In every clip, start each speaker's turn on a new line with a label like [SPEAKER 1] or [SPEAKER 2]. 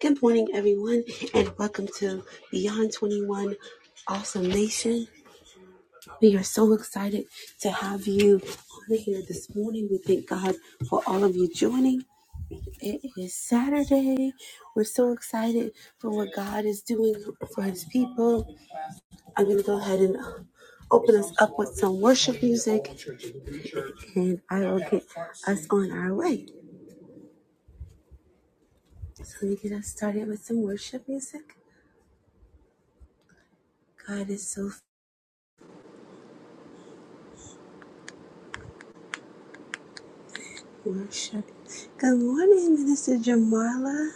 [SPEAKER 1] Good morning, everyone, and welcome to Beyond 21 Awesome Nation. We are so excited to have you on here this morning. We thank God for all of you joining. It is Saturday. We're so excited for what God is doing for His people. I'm going to go ahead and uh, open us up with some worship music, and I will get us on our way. So, let me get us started with some worship music. God is so Worship. Good morning, Minister Jamala.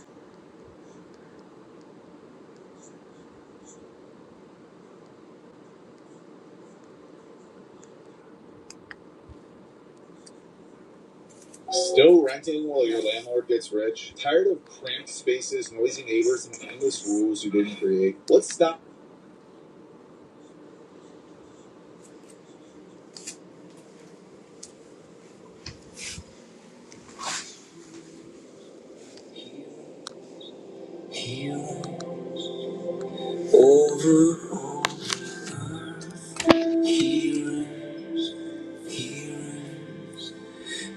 [SPEAKER 1] Still renting while your landlord gets rich? Tired of cramped spaces, noisy neighbors, and endless rules you didn't create? Let's stop. Here, here,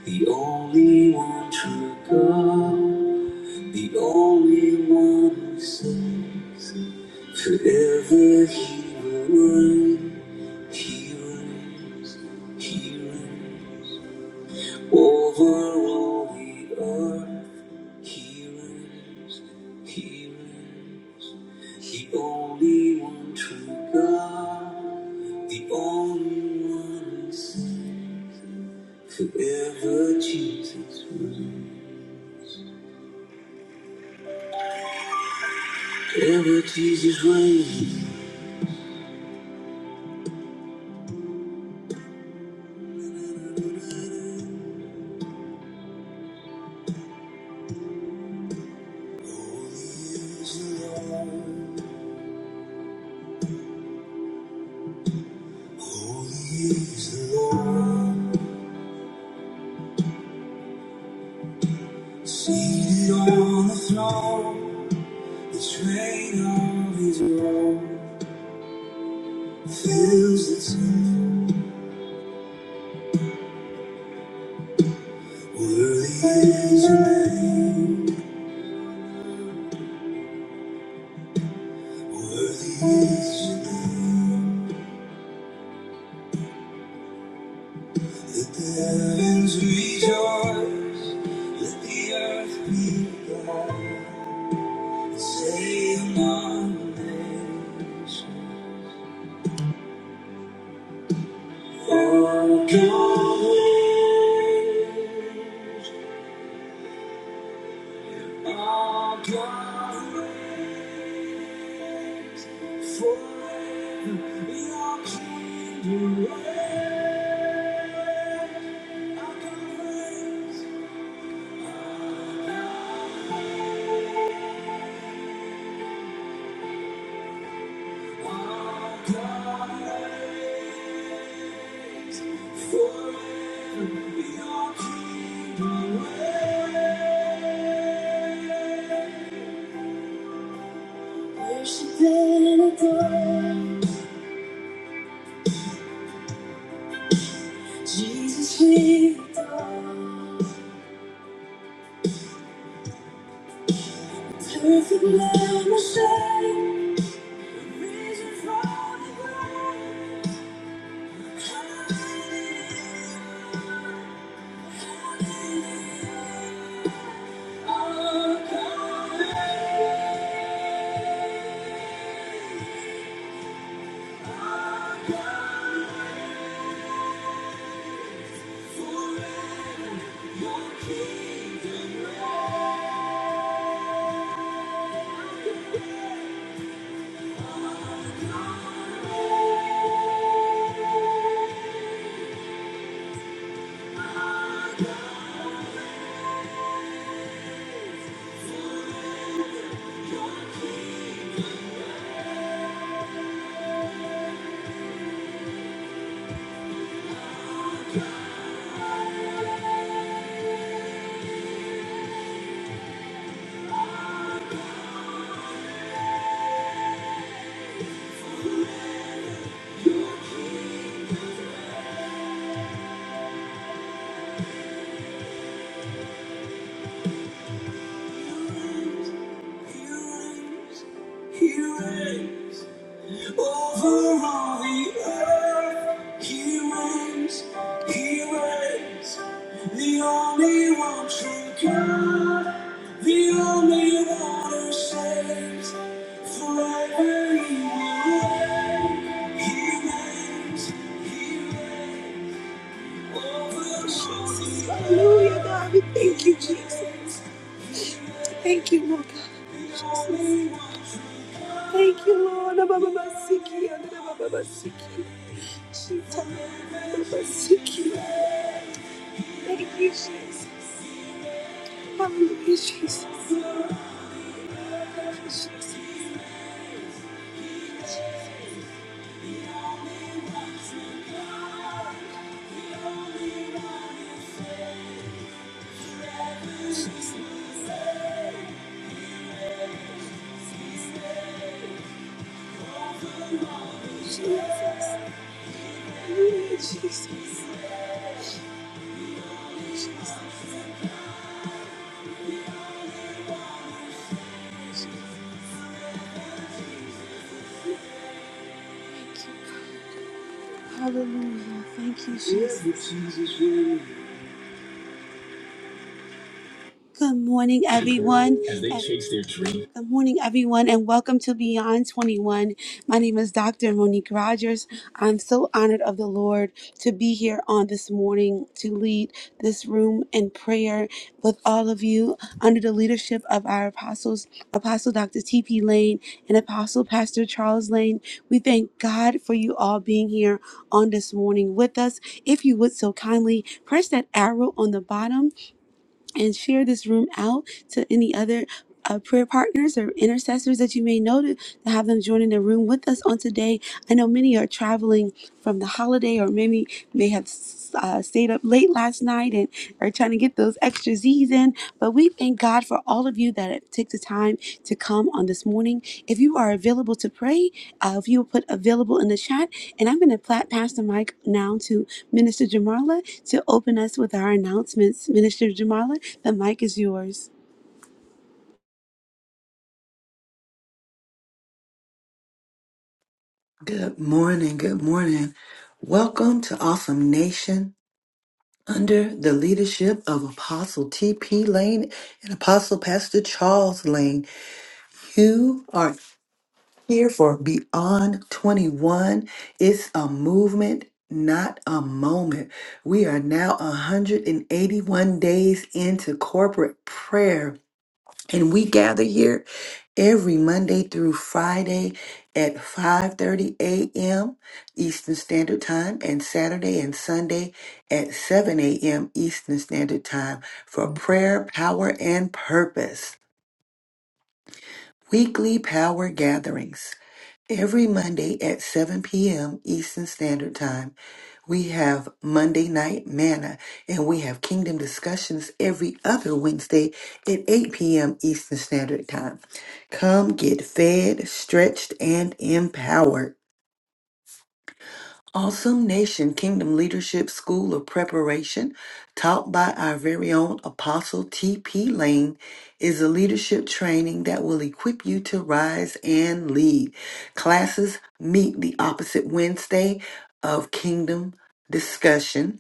[SPEAKER 1] the only one true God, the only one who saves. Forever he will reign. He reigns, he reigns. Over all the earth, he reigns, he reigns, the only one true God, the only one who saves. Forever Jesus reigns, forever Jesus reigns. Holy is the Lord, holy is the Lord, seated on the throne. The train of his robe fills the temple. Worthy is your name, worthy is the heavens rejoice, let the earth be glad. Say among nations, our God reigns, our God reigns. Forever your kingdom reigns, our God reigns. Worship and adore. Jesus, we adore. Perfect love, Messiah. Risen from the grave. Hallelujah. Hallelujah. Our God. He reigns. Over all the earth, he reigns, he reigns. The only one true God, the only one who saves. Forever he will reign, he reigns, he reigns. Over all the earth. Hallelujah, God, we thank you, Jesus. Thank you, Lord God. In Jesus' name. Thank you, Lord. Abababasiki, adabababasiki. Shita, abababasiki. Thank you, Jesus. Hallelujah, Jesus. Hallelujah, Jesus. Jesus. Hallelujah, Jesus. Jesus. Hallelujah. Thank you, Jesus. Good morning, everyone, Good morning, everyone, and welcome to Beyond 21. My name is Dr. Monique Rogers. I'm so honored of the Lord to be here on this morning to lead this room in prayer with all of you under the leadership of our apostles, Apostle Dr. T.P. Lane and Apostle Pastor Charles Lane. We thank God for you all being here on this morning with us. If you would so kindly press that arrow on the bottom and share this room out to any other uh, prayer partners or intercessors that you may know to, to have them join in the room with us on today. I know many are traveling from the holiday or maybe may have uh, stayed up late last night and are trying to get those extra Z's in. But we thank God for all of you that have took the time to come on this morning. If you are available to pray, uh, if you will put available in the chat, and I'm going to pla- pass the mic now to Minister Jamarla to open us with our announcements. Minister Jamarla, the mic is yours.
[SPEAKER 2] Good morning. Good morning. Welcome to Awesome Nation under the leadership of Apostle T.P. Lane and Apostle Pastor Charles Lane. You are here for Beyond 21. It's a movement, not a moment. We are now 181 days into corporate prayer and we gather here every Monday through Friday at 5:30 a.m. Eastern Standard Time and Saturday and Sunday at 7 a.m. Eastern Standard Time for prayer, power and purpose. Weekly power gatherings every Monday at 7 p.m. Eastern Standard Time we have Monday Night Manna, and we have Kingdom Discussions every other Wednesday at 8 p.m. Eastern Standard Time. Come get fed, stretched, and empowered. Awesome Nation Kingdom Leadership School of Preparation, taught by our very own Apostle T.P. Lane, is a leadership training that will equip you to rise and lead. Classes meet the opposite Wednesday of Kingdom Discussion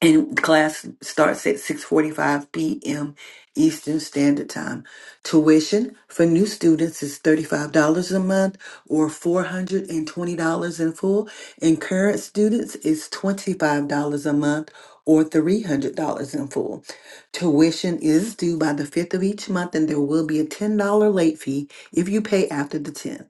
[SPEAKER 2] and class starts at 6:45 p.m. Eastern Standard Time. Tuition for new students is $35 a month or $420 in full, and current students is $25 a month or $300 in full. Tuition is due by the 5th of each month and there will be a $10 late fee if you pay after the 10th.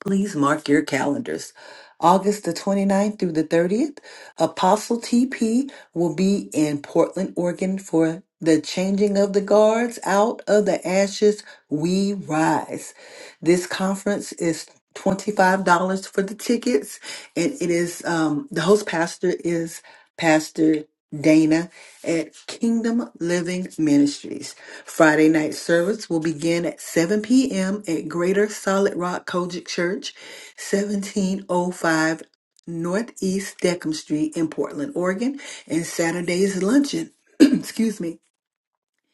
[SPEAKER 2] Please mark your calendars. August the 29th through the 30th, Apostle TP will be in Portland, Oregon for the Changing of the Guards Out of the Ashes We Rise. This conference is $25 for the tickets, and it is um, the host pastor is Pastor Dana at Kingdom Living Ministries. Friday night service will begin at 7 p.m. at Greater Solid Rock Kojic Church, 1705 Northeast Deckham Street in Portland, Oregon, and Saturday's luncheon. excuse me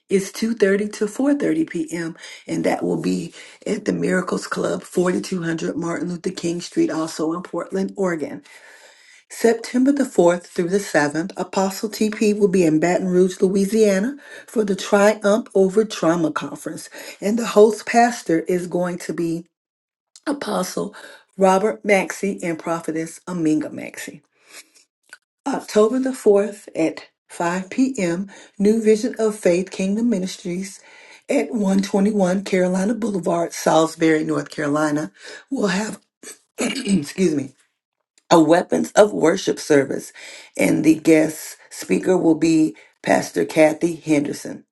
[SPEAKER 2] it's 2:30 to 4:30 p.m. and that will be at the Miracles Club, 4200 Martin Luther King Street, also in Portland, Oregon. September the 4th through the 7th, Apostle TP will be in Baton Rouge, Louisiana for the Triumph Over Trauma Conference, and the host pastor is going to be Apostle Robert Maxey and Prophetess Aminga Maxey. October the 4th at 5 p.m., New Vision of Faith Kingdom Ministries at 121 Carolina Boulevard, Salisbury, North Carolina, will have, excuse me, a Weapons of Worship service, and the guest speaker will be Pastor Kathy Henderson.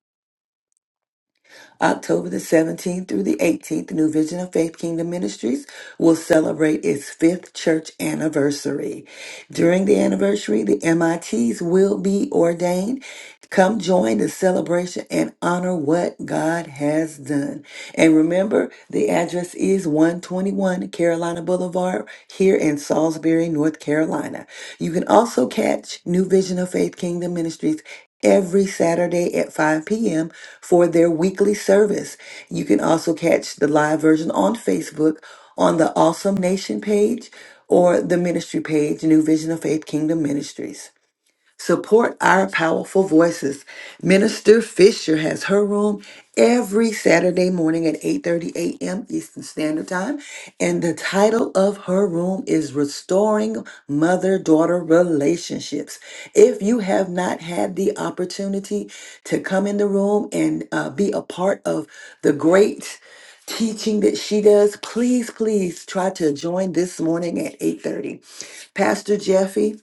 [SPEAKER 2] October the 17th through the 18th, New Vision of Faith Kingdom Ministries will celebrate its fifth church anniversary. During the anniversary, the MITs will be ordained Come join the celebration and honor what God has done. And remember, the address is 121 Carolina Boulevard here in Salisbury, North Carolina. You can also catch New Vision of Faith Kingdom Ministries every Saturday at 5 p.m. for their weekly service. You can also catch the live version on Facebook on the Awesome Nation page or the ministry page, New Vision of Faith Kingdom Ministries. Support our powerful voices. Minister Fisher has her room every Saturday morning at 8:30 a.m. Eastern Standard Time, and the title of her room is Restoring Mother-Daughter Relationships. If you have not had the opportunity to come in the room and uh, be a part of the great teaching that she does, please, please try to join this morning at 8:30. Pastor Jeffy,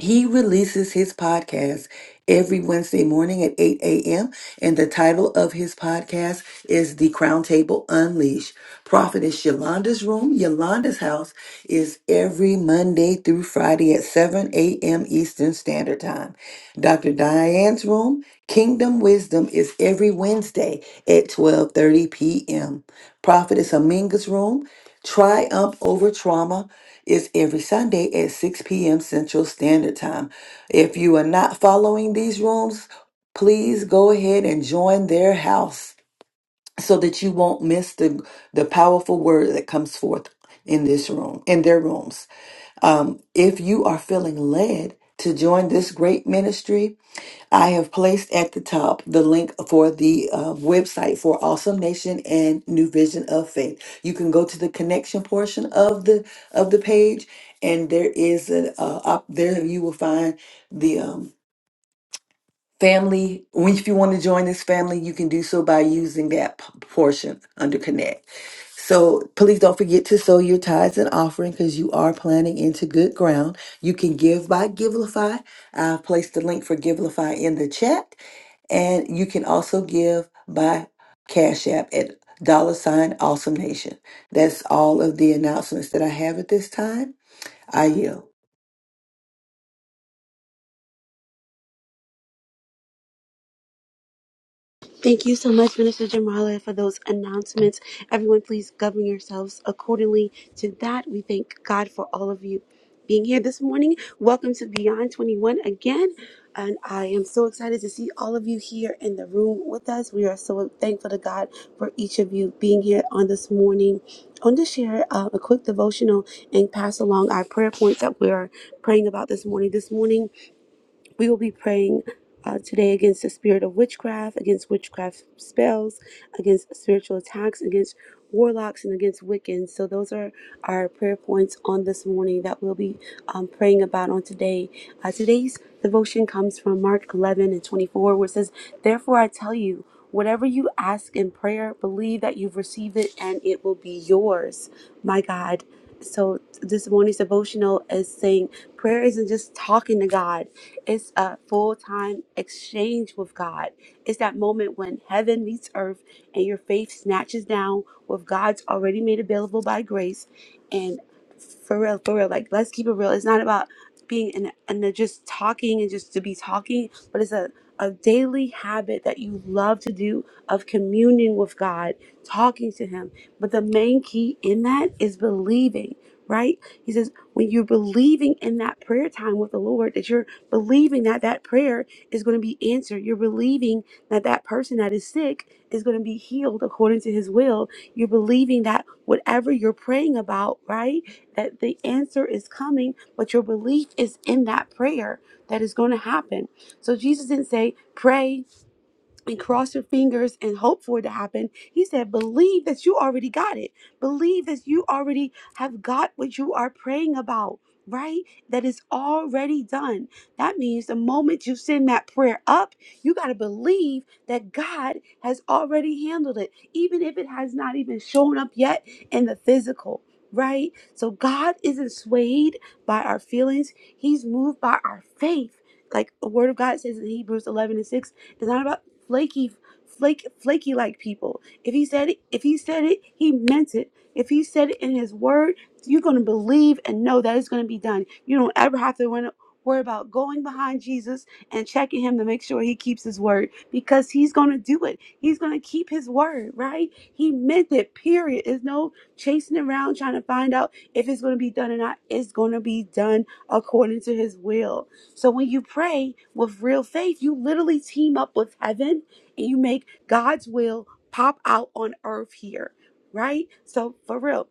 [SPEAKER 2] he releases his podcast every Wednesday morning at 8 a.m. And the title of his podcast is The Crown Table Unleashed. Prophetess Yolanda's Room, Yolanda's House, is every Monday through Friday at 7 a.m. Eastern Standard Time. Dr. Diane's Room, Kingdom Wisdom, is every Wednesday at 12.30 p.m. Prophetess Aminga's Room, Triumph Over Trauma is every Sunday at 6 p.m. Central Standard Time. If you are not following these rooms, please go ahead and join their house so that you won't miss the, the powerful word that comes forth in this room, in their rooms. Um, if you are feeling led to join this great ministry, I have placed at the top the link for the uh, website for Awesome Nation and New Vision of Faith. You can go to the connection portion of the of the page, and there is an uh, up there you will find the um, family. When if you want to join this family, you can do so by using that p- portion under connect. So please don't forget to sow your tithes and offering because you are planting into good ground. You can give by Givelify. I've placed the link for Givelify in the chat. And you can also give by Cash App at dollar sign awesome nation. That's all of the announcements that I have at this time. I yield.
[SPEAKER 1] Thank you so much, Minister Jamala, for those announcements. Everyone, please govern yourselves accordingly to that. We thank God for all of you being here this morning. Welcome to Beyond 21 again. And I am so excited to see all of you here in the room with us. We are so thankful to God for each of you being here on this morning. I want to share uh, a quick devotional and pass along our prayer points that we are praying about this morning. This morning, we will be praying uh, today against the spirit of witchcraft, against witchcraft spells, against spiritual attacks, against warlocks, and against Wiccans. So, those are our prayer points on this morning that we'll be um, praying about on today. Uh, today's devotion comes from Mark 11 and 24, where it says, Therefore, I tell you, whatever you ask in prayer, believe that you've received it and it will be yours. My God. So, this morning's devotional is saying prayer isn't just talking to God. It's a full time exchange with God. It's that moment when heaven meets earth and your faith snatches down what God's already made available by grace. And for real, for real, like let's keep it real. It's not about being and and just talking and just to be talking, but it's a a daily habit that you love to do of communing with God, talking to Him. But the main key in that is believing, right? He says, when you're believing in that prayer time with the Lord, that you're believing that that prayer is going to be answered. You're believing that that person that is sick is going to be healed according to his will. You're believing that whatever you're praying about, right, that the answer is coming, but your belief is in that prayer that is going to happen. So Jesus didn't say, pray and cross your fingers and hope for it to happen. He said, believe that you already got it. Believe that you already have got what you are praying about, right? That is already done. That means the moment you send that prayer up, you got to believe that God has already handled it, even if it has not even shown up yet in the physical. Right? So God isn't swayed by our feelings. He's moved by our faith. Like the word of God says in Hebrews 11 and 6, it's not about." flaky flake flaky like people. If he said it, if he said it, he meant it. If he said it in his word, you're going to believe and know that it's going to be done. You don't ever have to win- worry about going behind Jesus and checking him to make sure he keeps his word because he's going to do it. He's going to keep his word, right? He meant it, period. There's no chasing around trying to find out if it's going to be done or not. It's going to be done according to his will so when you pray with real faith, you literally team up with heaven and you make God's will pop out on earth here, right? So for real,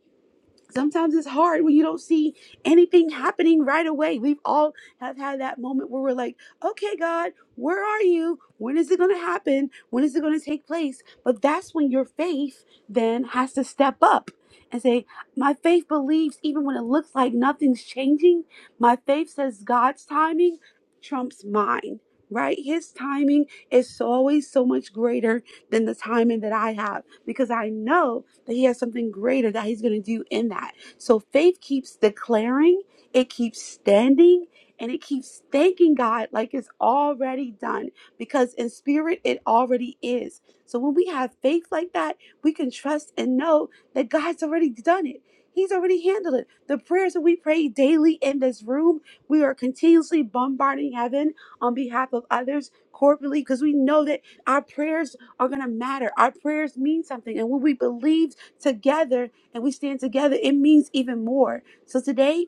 [SPEAKER 1] sometimes it's hard when you don't see anything happening right away. We've all have had that moment where we're like, okay, God, where are you? When is it going to happen? When is it going to take place? But that's when your faith then has to step up and say, my faith believes even when it looks like nothing's changing. My faith says God's timing trumps mine. Right? His timing is always so much greater than the timing that I have because I know that he has something greater that he's going to do in that. So faith keeps declaring, it keeps standing, and it keeps thanking God like it's already done because in spirit it already is. So when we have faith like that, we can trust and know that God's already done it. He's already handled it. The prayers that we pray daily in this room, we are continuously bombarding heaven on behalf of others corporately because we know that our prayers are going to matter. Our prayers mean something. And when we believe together and we stand together, it means even more. So today,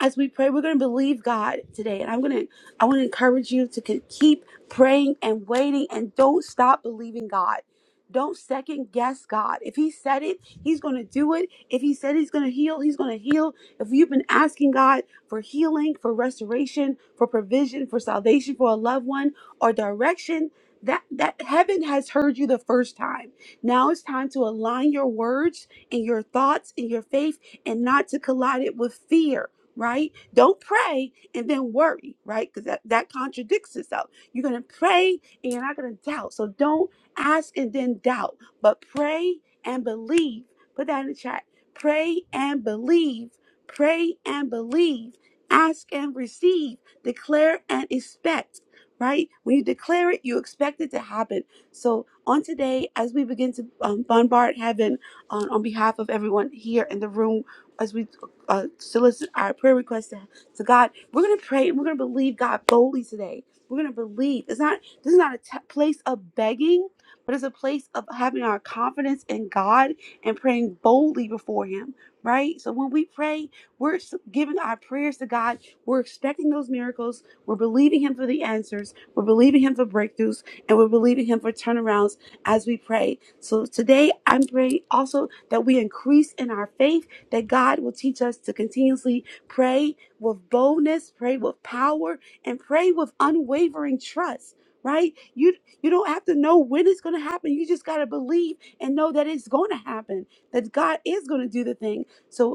[SPEAKER 1] as we pray, we're going to believe God today. And I'm going to, I want to encourage you to ke- keep praying and waiting and don't stop believing God. Don't second guess God. If He said it, He's going to do it. If He said He's going to heal, He's going to heal. If you've been asking God for healing, for restoration, for provision, for salvation for a loved one or direction, that, that heaven has heard you the first time. Now it's time to align your words and your thoughts and your faith and not to collide it with fear right? Don't pray and then worry, right? Because that, that contradicts itself. You're going to pray and you're not going to doubt. So don't ask and then doubt, but pray and believe. Put that in the chat. Pray and believe. Pray and believe. Ask and receive. Declare and expect, right? When you declare it, you expect it to happen. So on today, as we begin to um, bombard heaven on, on behalf of everyone here in the room, as we uh, solicit our prayer requests to, to God. We're gonna pray. and We're gonna believe God boldly today. We're gonna believe. It's not. This is not a t- place of begging, but it's a place of having our confidence in God and praying boldly before Him. Right. So when we pray, we're s- giving our prayers to God. We're expecting those miracles. We're believing Him for the answers. We're believing Him for breakthroughs, and we're believing Him for turnarounds as we pray. So today, I'm praying also that we increase in our faith that God will teach us to continuously pray with boldness, pray with power, and pray with unwavering trust. Right? You you don't have to know when it's gonna happen. You just gotta believe and know that it's gonna happen, that God is gonna do the thing. So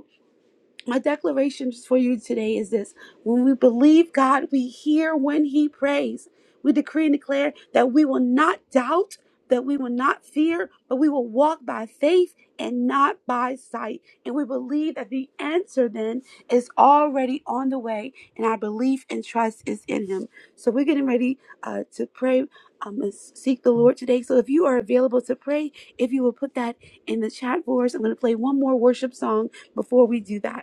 [SPEAKER 1] my declaration for you today is this when we believe God, we hear when He prays. We decree and declare that we will not doubt, that we will not fear, but we will walk by faith and not by sight. And we believe that the answer then is already on the way, and our belief and trust is in Him. So we're getting ready uh, to pray. Um, and seek the Lord today. So if you are available to pray, if you will put that in the chat for us, I'm going to play one more worship song before we do that.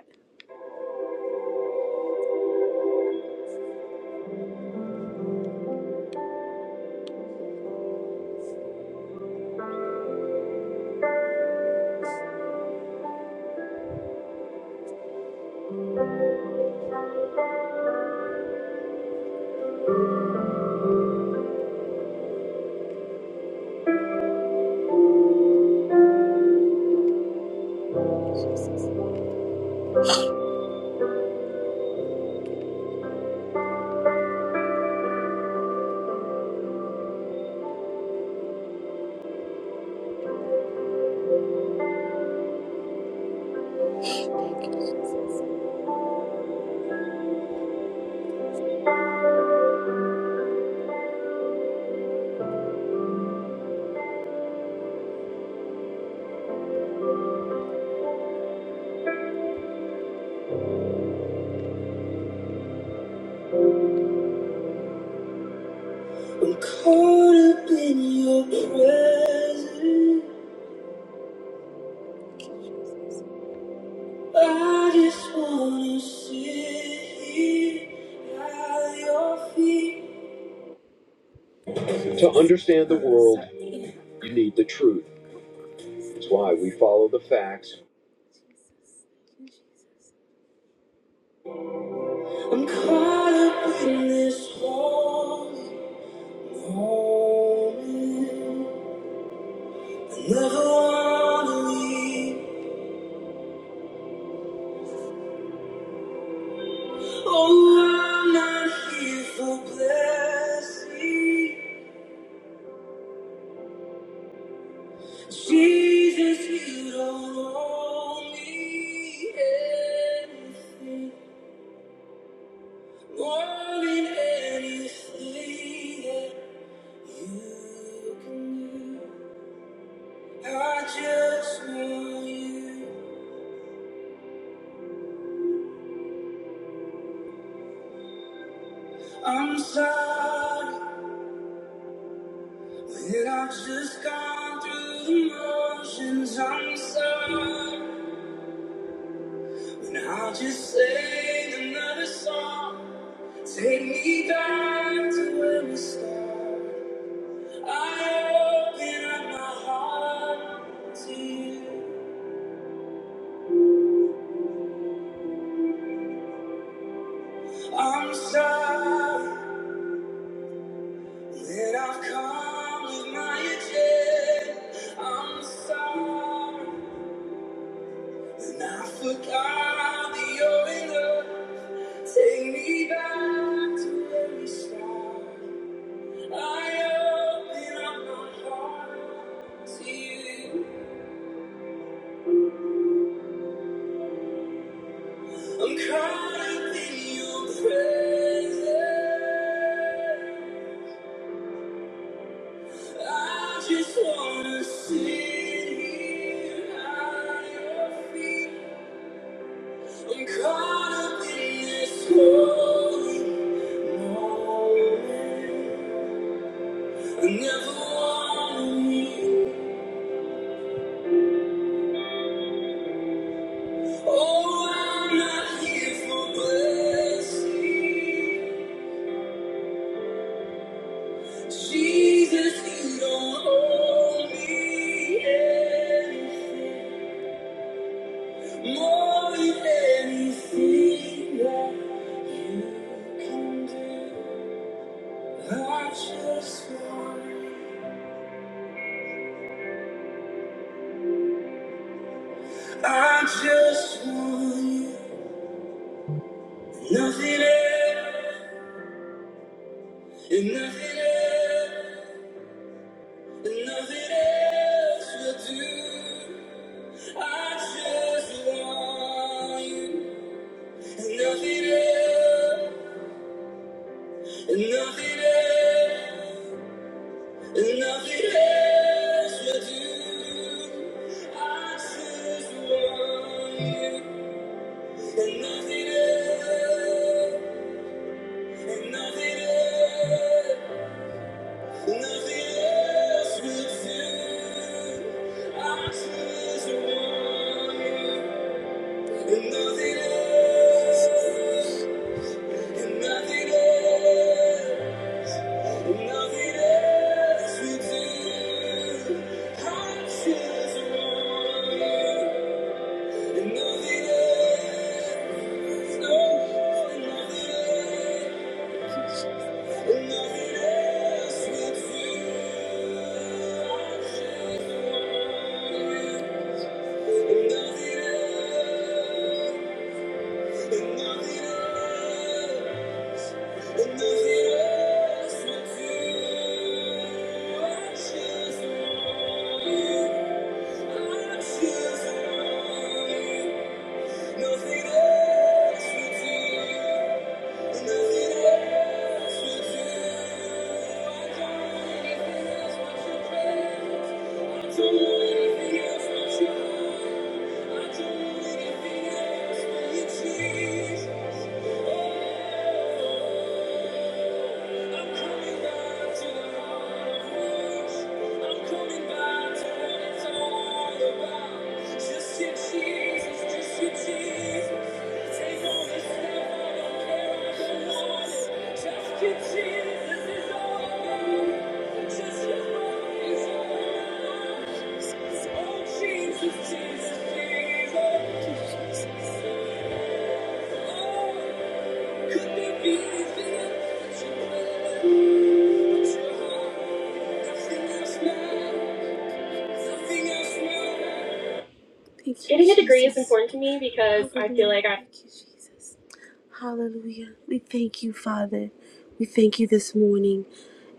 [SPEAKER 1] I'm caught up in your presence. I just wanna sit here at your feet. To understand the world, you need the truth. That's why we follow the facts. I'm caught up in this holy moment. I never wanna leave. Oh, I'm not here for blessing. Jesus, you don't owe me anything, more than anything that you can do. I just want you. I'm sorry that I've just gone through the motions. I'm sorry, and I'll just sing another song. Take me back to where we started. I open up my heart to you. I'm sorry that I've come with my agenda. I'm sorry and I forgot that you're in Take me back to where we started. I open up my heart to you. I'm caught up in your presence. I just wanna sit here at your feet. I'm caught up in this holy moment. I never wanted you. Oh, I'm not here for blessing. Jesus, you don't owe me anything. More than anything that you can do, I just want, you. I just want you. Nothing else, and nothing else, and nothing else will do. I just want you, and nothing else, and nothing else. Nothing else will do. I just want you. And nothing else, and nothing else, nothing else will do. I just want you. And nothing else, and nothing else. Thank you. I Thank you. Jesus. Jesus, Jesus, Jesus. Oh, Getting a degree is important to me because I feel like I Hallelujah. We thank you, Father. We thank you this morning.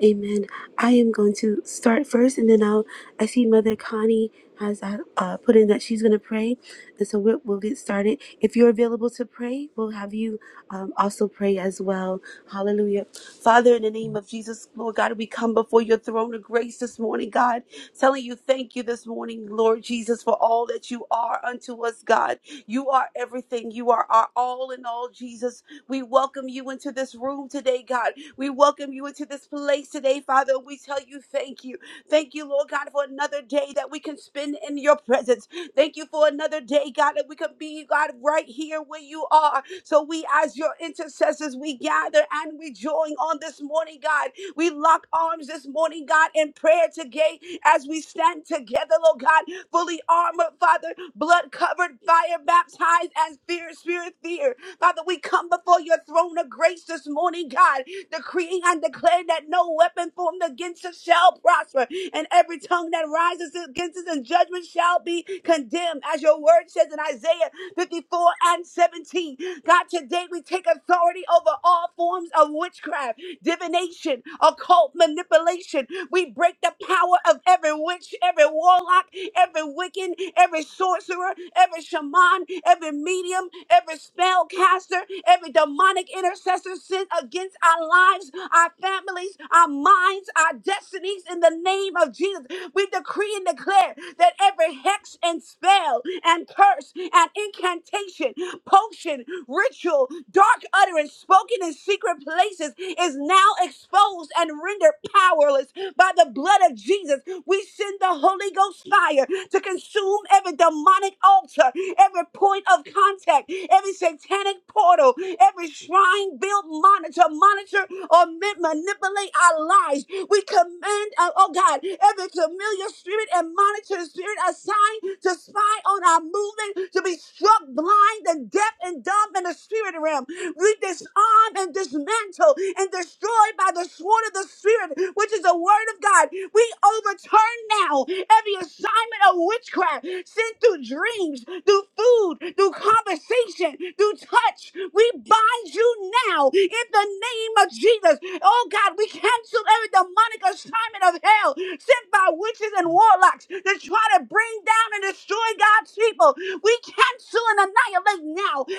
[SPEAKER 1] Amen. I am going to start first, and then I'll. I see Mother Connie has uh, uh, put in that she's going to pray, and so we'll, we'll get started. If you're available to pray, we'll have you um, also pray as well. Hallelujah. Father, in the name of Jesus, Lord God, we come before your throne of grace this morning, God, telling you thank you this morning, Lord Jesus, for all that you are unto us, God. You are everything. You are our all in all, Jesus. We welcome you into this room today, God. We welcome you into this place today, Father. We tell you thank you. Thank you, Lord God, for another day that we can spend in your presence. Thank you for another day, God, that we can be, God, right here where you are. So we, as your intercessors, we gather and we join on this morning, God. We lock arms this morning, God, in prayer today as we stand together, Lord God fully armored, Father, blood covered, fire baptized as fear, spirit, fear. Father, we come before your throne of grace this morning, God decreeing and declaring that no weapon formed against us shall prosper, and every tongue that rises against us in judgment shall be condemned, as your word says in Isaiah 54 and 17. God, today we take authority over all forms of witchcraft, divination, occult manipulation. We break the power of every witch, every warlock, every Wiccan, every sorcerer, every shaman, every medium medium, every spell caster, every demonic intercessor sent against our lives, our families, our minds, our destinies in the name of Jesus. We decree and declare that every hex and spell and curse and incantation, potion, ritual, dark utterance spoken in secret places is now exposed and rendered powerless by the blood of Jesus. We send the Holy Holy Ghost fire to consume every demonic altar, every point of contact, every satanic portal, every shrine built monitor, monitor or ma- manipulate our lives. We command, uh, oh God, every familiar spirit and monitor spirit assigned to spy on our movement to be struck blind and deaf and dumb in the spirit realm. We disarm and dismantle and destroy by the sword of the Spirit, which is the word of God. We overturn now every assignment of witchcraft sent through dreams, through food, through conversation, through touch. We bind you now in the name of Jesus. Oh God, we cancel every demonic assignment of hell sent by witches and warlocks to try to bring down and destroy God's people. We cancel and annihilate now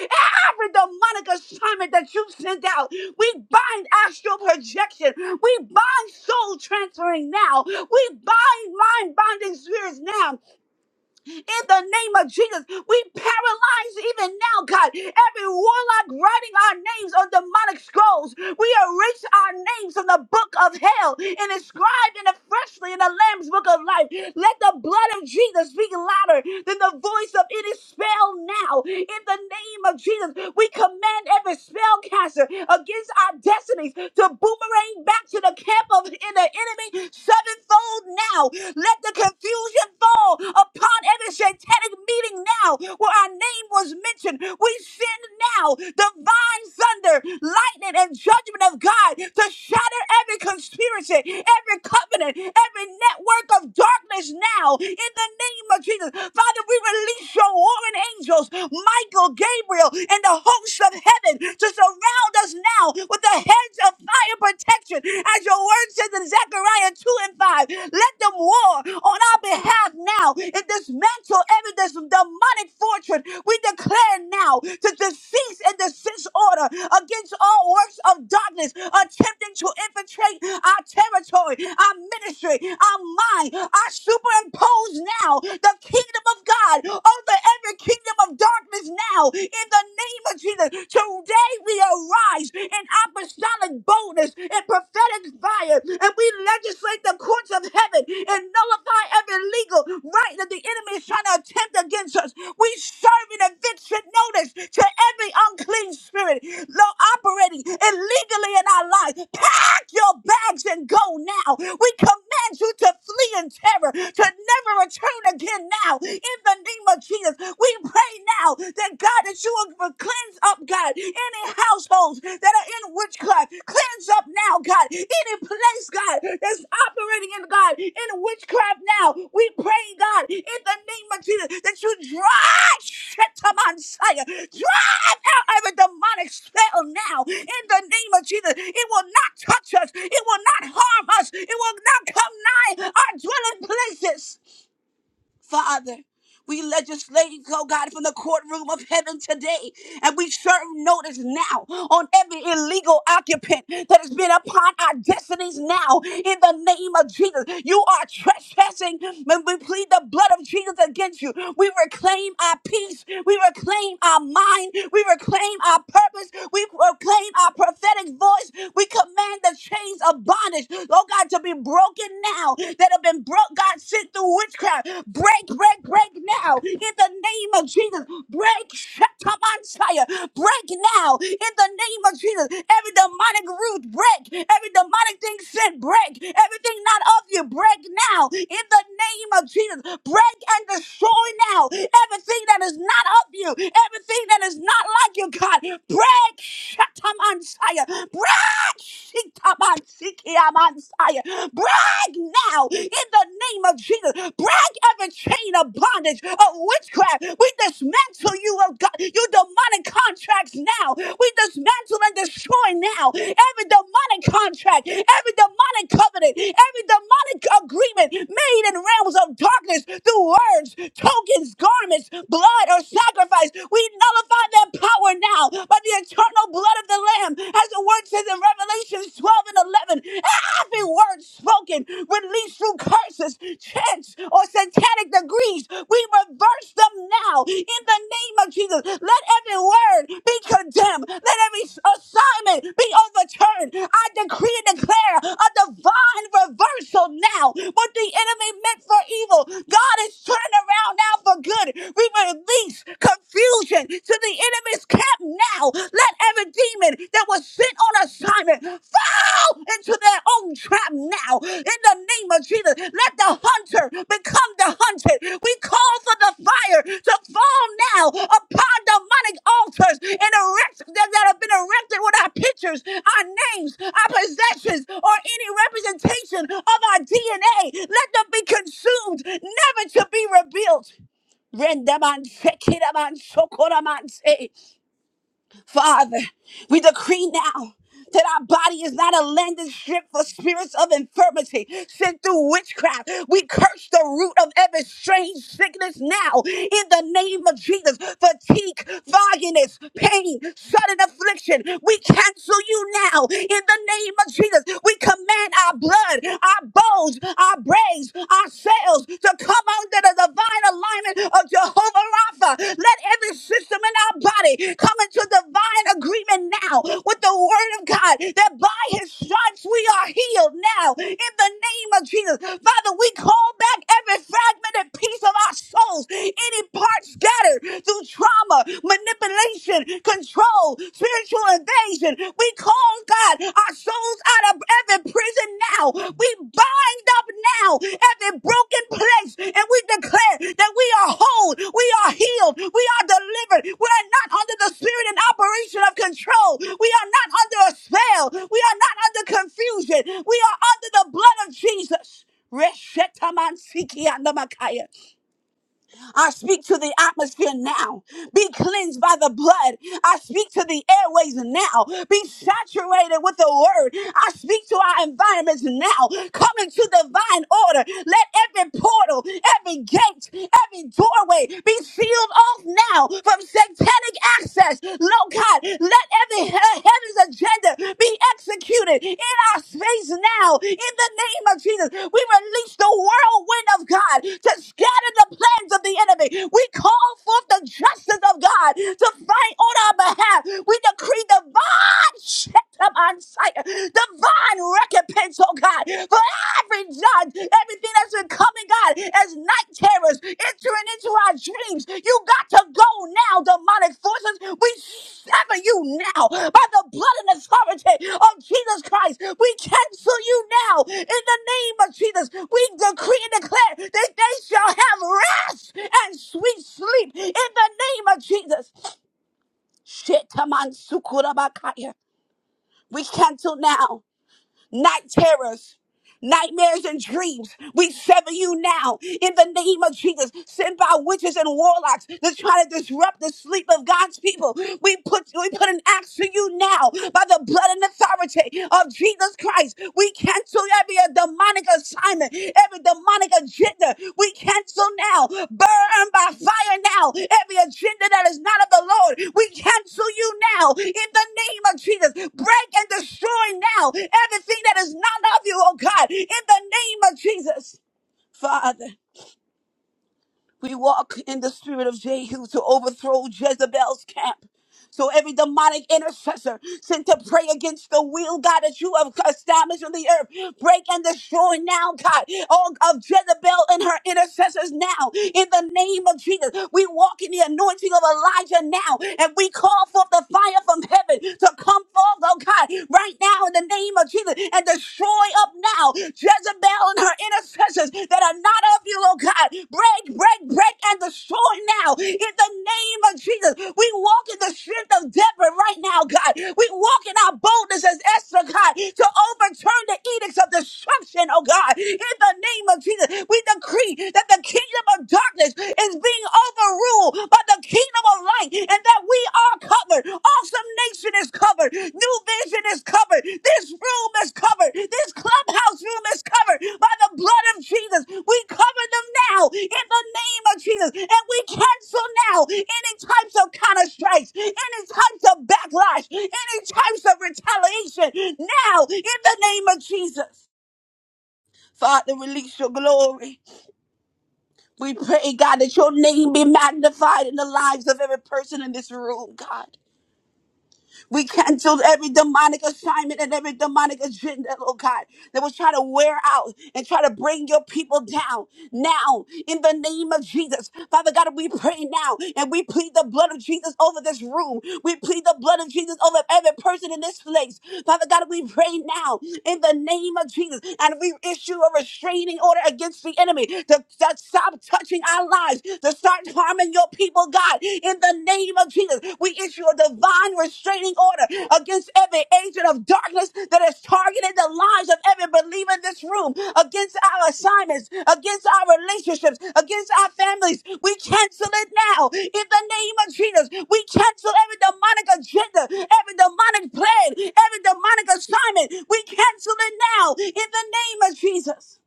[SPEAKER 1] every demonic assignment that you sent out. We bind astral projection. We bind soul transferring now. We bind mind binding spirits now in the name of Jesus. We paralyze even now, God, every warlock writing our names on demonic scrolls. We erase our names from the book of hell and inscribe in it freshly in the Lamb's book of life. Let the blood of Jesus speak louder than the voice of any spell now. In the name of Jesus, we command every spellcaster against our destinies to boomerang back to the camp of in the enemy sevenfold healed now. Let the confusion fall upon every satanic meeting now where our name was mentioned. We send now divine thunder, lightning, and judgment of God to shatter every conspiracy, every covenant, every network of darkness now in the name of Jesus. Father, we release your warring angels, Michael, Gabriel, and the hosts of heaven to surround us now with the heads of fire protection. As your word says in Zechariah 2 and 5, let them war on our behalf now and dismantle every dis- demonic fortress. We declare now to cease and desist order against all works of darkness attempting to infiltrate our territory, our ministry, our mind. I superimpose now the kingdom of God over every kingdom kingdom of darkness now in the name of Jesus. Today we arise in apostolic boldness and prophetic fire, and we legislate the courts of heaven and nullify every legal right that the enemy is trying to attempt against us. We serve an eviction notice to every unclean spirit lo- operating illegally in our lives. Pack your bags and go now. We command you to flee in terror, to never return again now in the name of Jesus. We pray now that God, that you will cleanse up, God, any households that are in witchcraft. Cleanse up now, God. Any place, God, that's operating in God, in witchcraft now. We pray, God, in the name of Jesus, that you drive shit to Messiah. Drive out every demonic spell now. In the name of Jesus, it will not touch us. It will not harm us. It will not come nigh our dwelling places. Father. We legislate, oh God, from the courtroom of heaven today. And we serve notice now on every illegal occupant that has been upon our destinies now in the name of Jesus. You are trespassing when we plead the blood of Jesus against you. We reclaim our peace. We reclaim our mind. We reclaim our purpose. We proclaim our prophetic voice. We command the chains of bondage, oh God, to be broken now down that have been broke, God, sent through witchcraft. Break, break, break now in the name of Jesus. Break, Shetamanshaya. Break now in the name of Jesus. Every demonic root, break. Every demonic thing sent, break. Everything not of you, break now in the name of Jesus. Break and destroy now everything that is not of you, everything that is not like you, God. Break, Shetamanshaya. Break, Brag now in the name of Jesus. Brag every chain of bondage of witchcraft. We dismantle you, oh God, you demonic contracts now. We dismantle and destroy now every demonic contract, every demonic covenant, every demonic agreement made in realms of darkness through words, tokens, garments, blood, or sacrifice. We nullify their power now by the eternal blood blood of the Lamb, as the word says in Revelations 12 and 11, every word spoken, released through curses, chants, or satanic degrees, we reverse them now in the name of Jesus. Let every word be condemned. Let every assignment be overturned. I decree and declare a divine reversal now. What the enemy meant for evil, God is turning around now for good. We release confusion assignment to the enemy's camp now. Let every demon that was sent on assignment fall into their own trap now. In the name of Jesus, let the hunter become the hunted. We call for the fire to fall now upon demonic altars and erect that, that have been erected with our pictures, our names, our possessions, or any representation of our DNA. Let them be consumed, never to be rebuilt. Rendaman, Shekiraman, Shokoraman, say, Father, we decree now that our body is not a landing strip for spirits of infirmity sent through witchcraft. We curse the root of every strange sickness now in the name of Jesus. Fatigue, fogginess, pain, sudden affliction. We cancel you now in the name of Jesus. We command our blood, our bones, our brains, our cells fails to come under the divine alignment of Jehovah Rapha. Let every system in our body come into divine agreement now with the word of God that by his stripes we are healed now in the name of Jesus. Father, we call back every fragmented piece of our souls, any part scattered through trauma, manipulation, control, spiritual invasion invasion. We call God our souls out of every prison now. We bind up now every broken place and we declare that we are whole, we are healed, we are delivered. We are not under the spirit and operation of control. We are not under a spell. We are not under confusion. We are under the blood of Jesus. Reshetamansikiandamakaya. I speak to the atmosphere now. Be cleansed by the blood. I speak to the airways now. Be saturated with the word. I speak to our environments now. Come into divine order. Let every portal, every gate, every doorway be sealed off now from satanic access. Lord God, let every he- heaven's agenda be executed in our space now. In the name of Jesus, we release the whirlwind of God to scatter the plans of the enemy. We call forth the justice of God to fight on our behalf. We decree divine shit on sight, divine recompense, oh God, for every judge, everything as we're coming, God, as night terrors entering into our dreams. You got to go now, demonic forces. We sever you now by the blood and authority of Jesus Christ. We cancel you now in the name of Jesus. We decree and declare that they shall have rest and sweet sleep in the name of Jesus. Shetaman sukurabakaya. We cancel now night terrors, nightmares, and dreams. We sever you now in the name of Jesus. Sent by witches and warlocks to try to disrupt the sleep of God's people. We put we put an axe to you now by the blood and authority of Jesus Christ. We cancel every demonic assignment assignment, every demonic agenda, we cancel now. Burn by fire now. Every agenda that is not of the Lord, we cancel you now. In the name of Jesus, break and destroy now everything that is not of you, oh God. In the name of Jesus, Father. We walk in the spirit of Jehu to overthrow Jezebel's camp. So every demonic intercessor sent to pray against the will, God, that you have established on the earth, break and destroy now, God, all of Jezebel and her intercessors now. In the name of Jesus, we walk in the anointing of Elijah now, and we call forth the fire from heaven to come forth, oh God, right now in the name of Jesus, and destroy up now Jezebel down her intercessors that are not of you, oh God. Break, break, break, and destroy now in the name of Jesus. We walk in the strength of Deborah right now, God. We walk in our boldness as Esther, God, to overturn the edicts of destruction, oh God. In the name of Jesus, we decree that the kingdom of darkness is being overruled by the kingdom of light and that we are covered. Awesome Nation is covered. New Vision is covered. This room is covered. This clubhouse room is covered by the blood of Jesus. We cover them now in the name of Jesus. And we cancel now any types of counter strikes, any types of backlash, any types of retaliation now in the name of Jesus. Father, release your glory. We pray, God, that your name be magnified in the lives of every person in this room, God. We canceled every demonic assignment and every demonic agenda, Lord God, that was trying to wear out and try to bring your people down. Now, in the name of Jesus, Father God, we pray now and we plead the blood of Jesus over this room. We plead the blood of Jesus over every person in this place. Father God, we pray now in the name of Jesus and we issue a restraining order against the enemy to, to stop touching our lives, to start harming your people, God. In the name of Jesus, we issue a divine restraining order against every agent of darkness that has targeted the lives of every believer in this room, against our assignments, against our relationships, against our families. We cancel it now. In the name of Jesus, we cancel every demonic agenda, every demonic plan, every demonic assignment. We cancel it now. In the name of Jesus,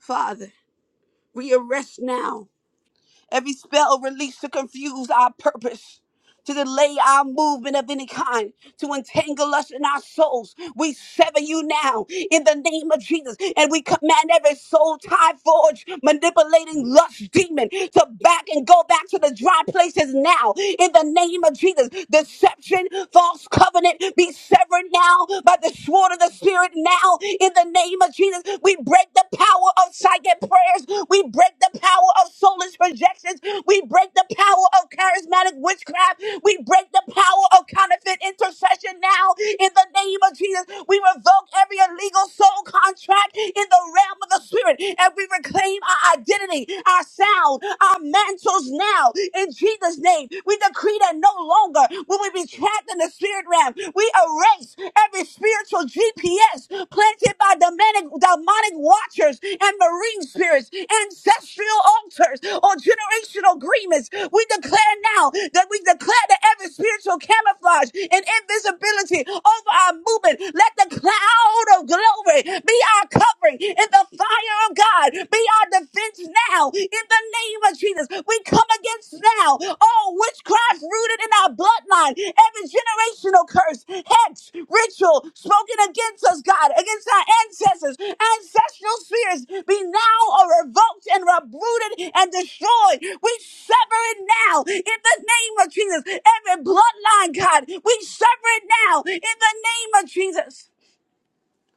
[SPEAKER 1] Father, we arrest now Every spell released to confuse our purpose, to delay our movement of any kind, to entangle us in our souls. We sever you now in the name of Jesus, and we command every soul tie forge, manipulating lust demon to back and go back to the dry places now in the name of Jesus. Deception, false covenant be severed now by the sword of the Spirit now in the name of Jesus. We break the power of psychic prayers. We break the power of soulless projections. We break the power of charismatic witchcraft. We break the power of counterfeit intercession now in the name of Jesus. We revoke every illegal soul contract in the realm of the spirit and we reclaim our identity, our sound, our mantles now in Jesus' name. We decree that no longer will we be trapped in the spirit realm realm. We erase every spiritual GPS planted by demonic, demonic watchers and marine spirits, ancestral altars, or generational agreements. We declare now that we declare that every spiritual camouflage and invisibility over our movement, let the cloud of glory be our covering and the fire of God be our defense now in the the name of Jesus, we come against now all witchcraft rooted in our bloodline, every generational curse, hex, ritual spoken against us, God, against our ancestors, ancestral spheres be now or revoked and uprooted and destroyed. We sever it now in the name of Jesus. Every bloodline, God, we sever it now in the name of Jesus.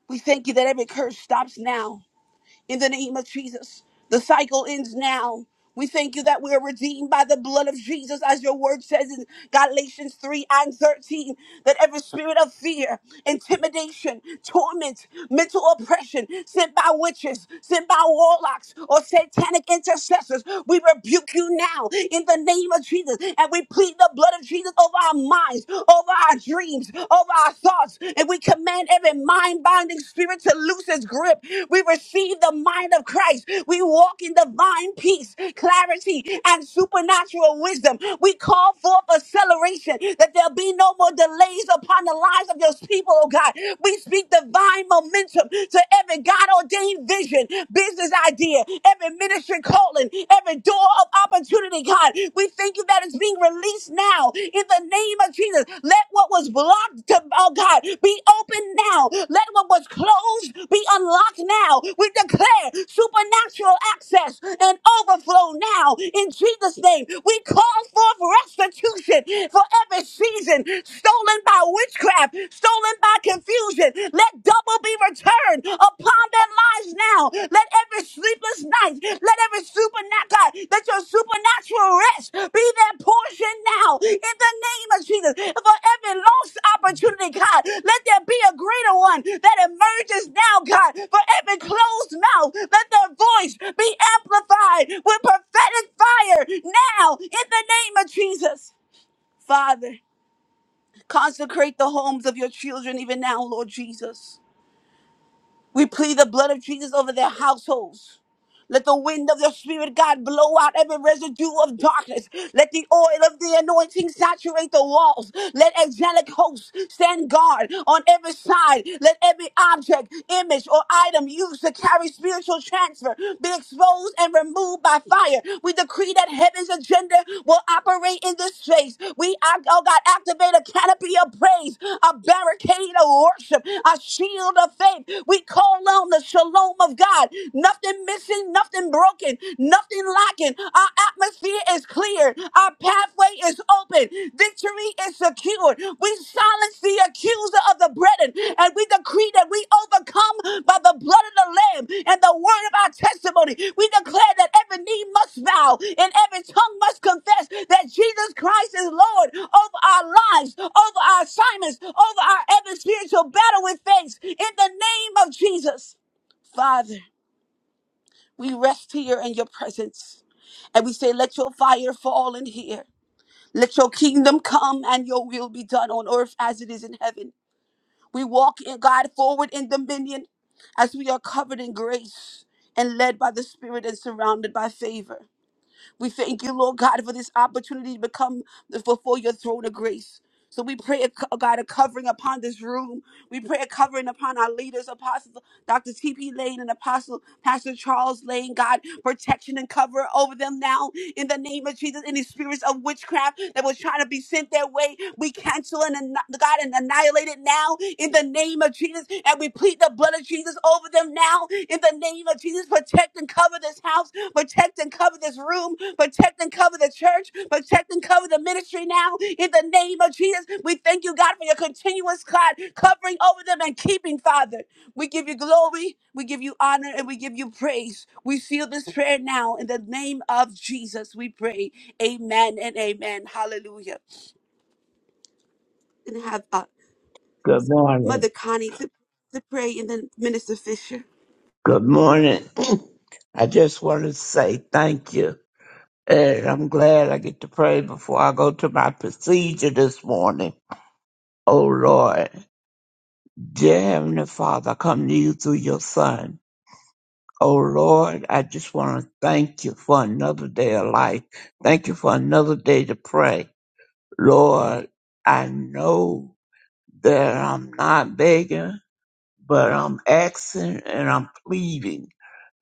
[SPEAKER 1] We thank you that every curse stops now in the name of Jesus, the cycle ends now. We thank you that we are redeemed by the blood of Jesus, as your word says in Galatians 3 and 13, that every spirit of fear, intimidation, torment, mental oppression sent by witches, sent by warlocks, or satanic intercessors, we rebuke you now in the name of Jesus. And we plead the blood of Jesus over our minds, over our dreams dreams, over our thoughts, and we command every mind binding spirit to loose its grip. We receive the mind of Christ. We walk in divine peace, clarity, and supernatural wisdom. We call forth acceleration that there'll be no more delays upon the lives of those people, oh God. We speak divine momentum to every God ordained vision, business idea, every ministry calling, every door of opportunity, God. We thank you that it's being released now in the name of Jesus. Let what was blocked, to, oh God, be open now. Let what was closed be unlocked now. We declare supernatural access and overflow now in Jesus' name. We call forth restitution for every season stolen by witchcraft, stolen by confusion. Let double will be returned upon their lives now. Let every sleepless night, let every supernatural, let your supernatural rest be their portion now. In the name of Jesus, for every lost opportunity, God, let there be a greater one that emerges now, God. For every closed mouth, let their voice be amplified with prophetic fire now. In the name of Jesus, Father, consecrate the homes of your children even now, Lord Jesus. We plead the blood of Jesus over their households. Let the wind of your spirit, God, blow out every residue of darkness. Let the oil of the anointing saturate the walls. Let angelic hosts stand guard on every side. Let every object, image, or item used to carry spiritual transfer be exposed and removed by fire. We decree that heaven's agenda will operate in this space. We, act- oh God, activate a canopy of praise, a barricade of worship, a shield of faith. We call on the shalom of God nothing missing, nothing broken, nothing lacking. Our atmosphere is clear, our pathway is open, victory is secured. We silence the accuser of the brethren, and we decree that we overcome by the blood of the Lamb and the word of our testimony. We declare that every knee must bow and every tongue must confess that Jesus Christ is Lord over our lives, over our assignments, over our every spiritual battle with thanks in the name of Jesus. Father. We rest here in your presence and we say, Let your fire fall in here. Let your kingdom come and your will be done on earth as it is in heaven. We walk in God forward in dominion as we are covered in grace and led by the Spirit and surrounded by favor. We thank you, Lord God, for this opportunity to become before your throne of grace. So we pray, oh God, a covering upon this room. We pray a covering upon our leaders, apostles, Dr. T.P. Lane and Apostle Pastor Charles Lane, God, protection and cover over them now in the name of Jesus. Any spirits of witchcraft that was trying to be sent their way, we cancel and anni- God and annihilate it now now in the name of Jesus. And we plead the blood of Jesus over them now in the name of Jesus. Protect and cover this house. Protect and cover this room. Protect and cover the church. Protect and cover the ministry now in the name of Jesus. We thank you, God, for your continuous God covering over them and keeping, Father. We give you glory. We give you honor and we give you praise. We seal this prayer now in the name of Jesus. We pray. Amen and amen. Hallelujah. And have a.
[SPEAKER 3] Good morning.
[SPEAKER 1] Mother Connie to, to pray and then Minister Fisher.
[SPEAKER 3] Good morning. I just want to say thank you. And I'm glad I get to pray before I go to my procedure this morning. Oh Lord, dear Heavenly Father, I come to you through your Son. Oh Lord, I just want to thank you for another day of life. Thank you for another day to pray. Lord, I know that I'm not begging, but I'm asking and I'm pleading.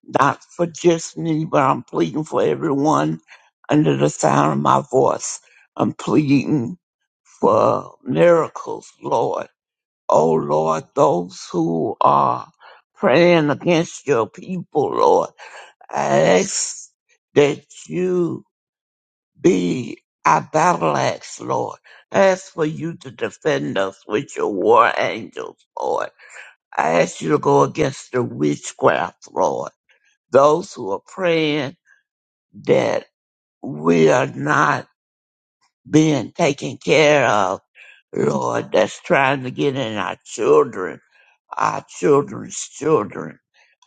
[SPEAKER 3] not for just me, but I'm pleading for everyone under the sound of my voice. I'm pleading for miracles, Lord. Oh, Lord, those who are praying against your people, Lord, I ask that you be our battle axe, Lord. I ask for you to defend us with your war angels, Lord. I ask you to go against the witchcraft, Lord. Those who are praying that we are not being taken care of, Lord, that's trying to get in our children, our children's children,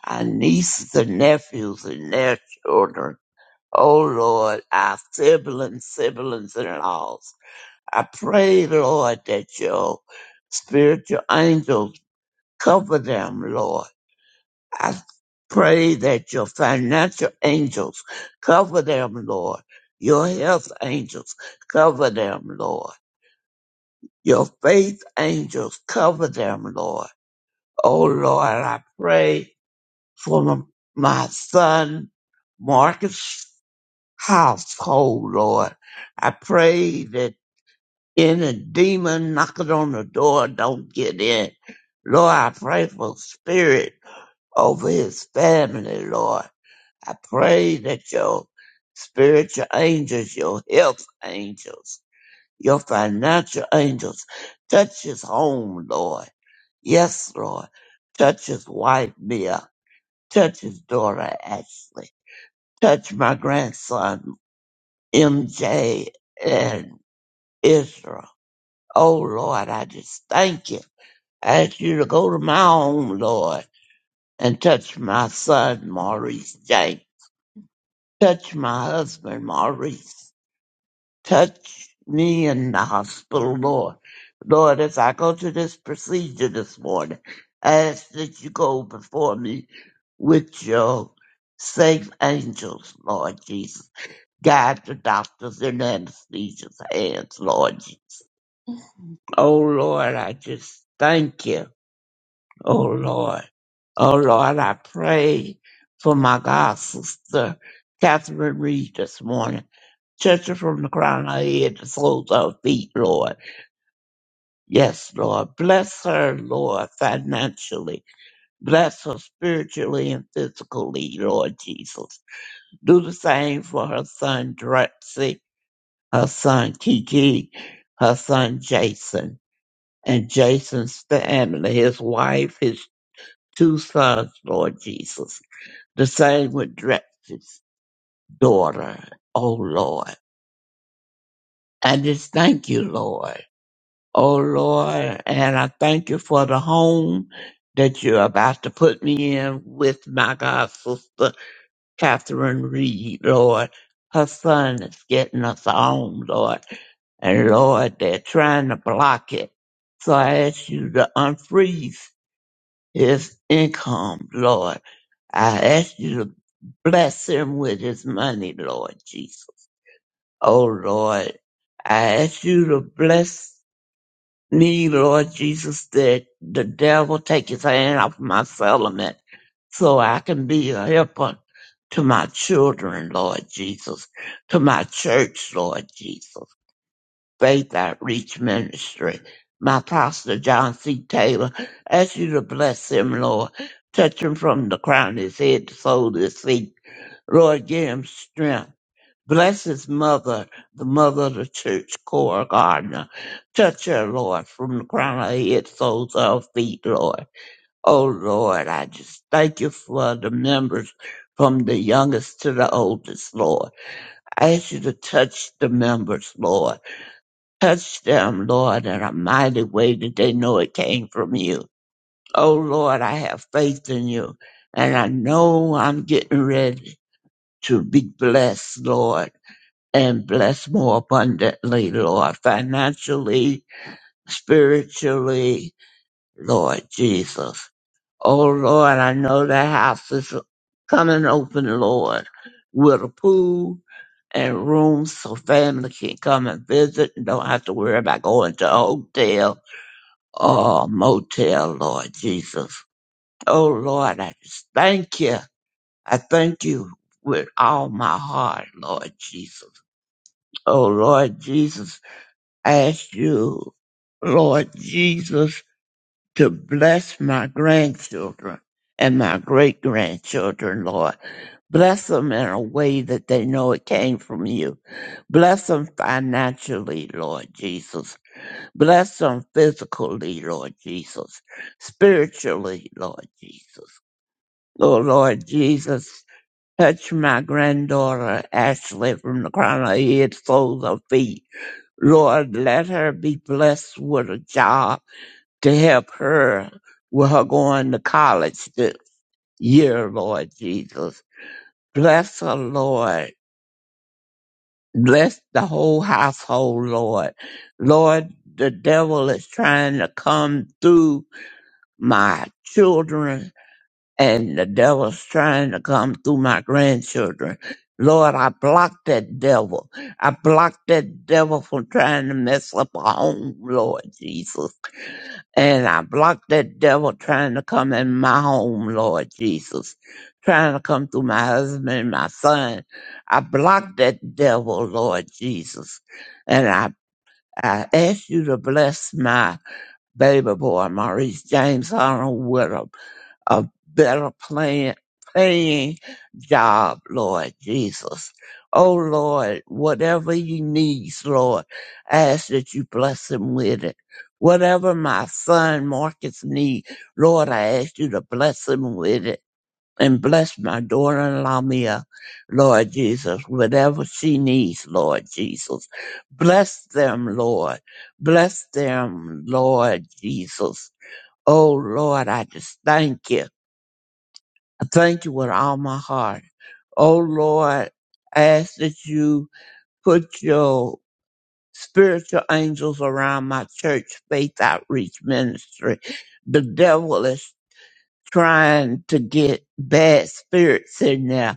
[SPEAKER 3] our nieces and nephews and their children. Oh Lord, our siblings, siblings and laws. I pray, Lord, that your spiritual angels cover them, Lord I pray that your financial angels cover them, Lord. Your health angels cover them, Lord. Your faith angels cover them, Lord. Oh, Lord, I pray for m- my son Marcus' household, Lord. I pray that any demon knocking on the door don't get in. Lord, I pray for spirit over his family, Lord. I pray that your spiritual angels, your health angels, your financial angels touch his home, Lord. Yes, Lord. Touch his wife, Mia. Touch his daughter, Ashley. Touch my grandson, MJ and Israel. Oh, Lord, I just thank you. I ask you to go to my home, Lord, and touch my son, Maurice J. Touch my husband, Maurice. Touch me in the hospital, Lord. Lord, as I go to this procedure this morning, I ask that you go before me with your safe angels, Lord Jesus. Guide the doctors and anesthesia's hands, Lord Jesus. Oh, Lord, I just thank you. Oh, Lord. Oh, Lord, I pray for my God sister, Catherine Reed, this morning. Touch her from the crown of her head to the soles of her feet, Lord. Yes, Lord. Bless her, Lord, financially. Bless her spiritually and physically, Lord Jesus. Do the same for her son, Drexy, her son, Kiki, her son, Jason, and Jason's family, his wife, his two sons, Lord Jesus. The same with Drexy's daughter, oh Lord. I just thank you, Lord. oh Lord, and I thank you for the home that you're about to put me in with my God sister, Catherine Reed, Lord. Her son is getting us a home, Lord, and Lord, they're trying to block it. So I ask you to unfreeze his income, Lord. I ask you to bless him with his money, Lord Jesus. Oh Lord, I ask you to bless me, Lord Jesus, that the devil take his hand off my settlement so I can be a helper to my children, Lord Jesus, to my church, Lord Jesus, Faith Outreach Ministry. My pastor, John C. Taylor, ask you to bless him, Lord. Touch him from the crown of his head to the sole of his feet. Lord, give him strength. Bless his mother, the mother of the church, Cora Gardner. Touch her, Lord, from the crown of her head, soles of her feet, Lord. Oh, Lord, I just thank you for the members from the youngest to the oldest, Lord. I ask you to touch the members, Lord. Touch them, Lord, in a mighty way that they know it came from you. Oh, Lord, I have faith in you, and I know I'm getting ready to be blessed, Lord and bless more abundantly, Lord, financially, spiritually, Lord Jesus. Oh Lord, I know the house is coming open, Lord, with a pool and rooms so family can come and visit and don't have to worry about going to a hotel or motel, Lord Jesus. Oh Lord, I just thank you. I thank you with all my heart, Lord Jesus. Oh Lord Jesus, ask you, Lord Jesus, to bless my grandchildren and my great grandchildren, Lord. Bless them in a way that they know it came from you. Bless them financially, Lord Jesus. Bless them physically, Lord Jesus. Spiritually, Lord Jesus. Oh, Lord Jesus, touch my granddaughter Ashley from the crown of her head, soles of her feet. Lord, let her be blessed with a job to help her with her going to college this year, Lord Jesus. Bless her, Lord. Bless the whole household, Lord. Lord, the devil is trying to come through my children and the devil's trying to come through my grandchildren. Lord, I block that devil. I block that devil from trying to mess up our home, Lord Jesus. And I block that devil trying to come in my home, Lord Jesus, trying to come through my husband and my son. I block that devil, Lord Jesus. And I, I ask you to bless my baby boy, Maurice James Arnold, with a a better plan, paying job, Lord Jesus. Oh Lord, whatever he needs, Lord, I ask that you bless him with it. Whatever my son Marcus needs, Lord, I ask you to bless him with it. And bless my daughter-in-law Mia, Lord Jesus, whatever she needs, Lord Jesus. Bless them, Lord. Bless them, Lord Jesus. Oh Lord, I just thank you. I thank you with all my heart. Oh Lord, I ask that you put your spiritual angels around my church faith outreach ministry. The devil is trying to get bad spirits in there,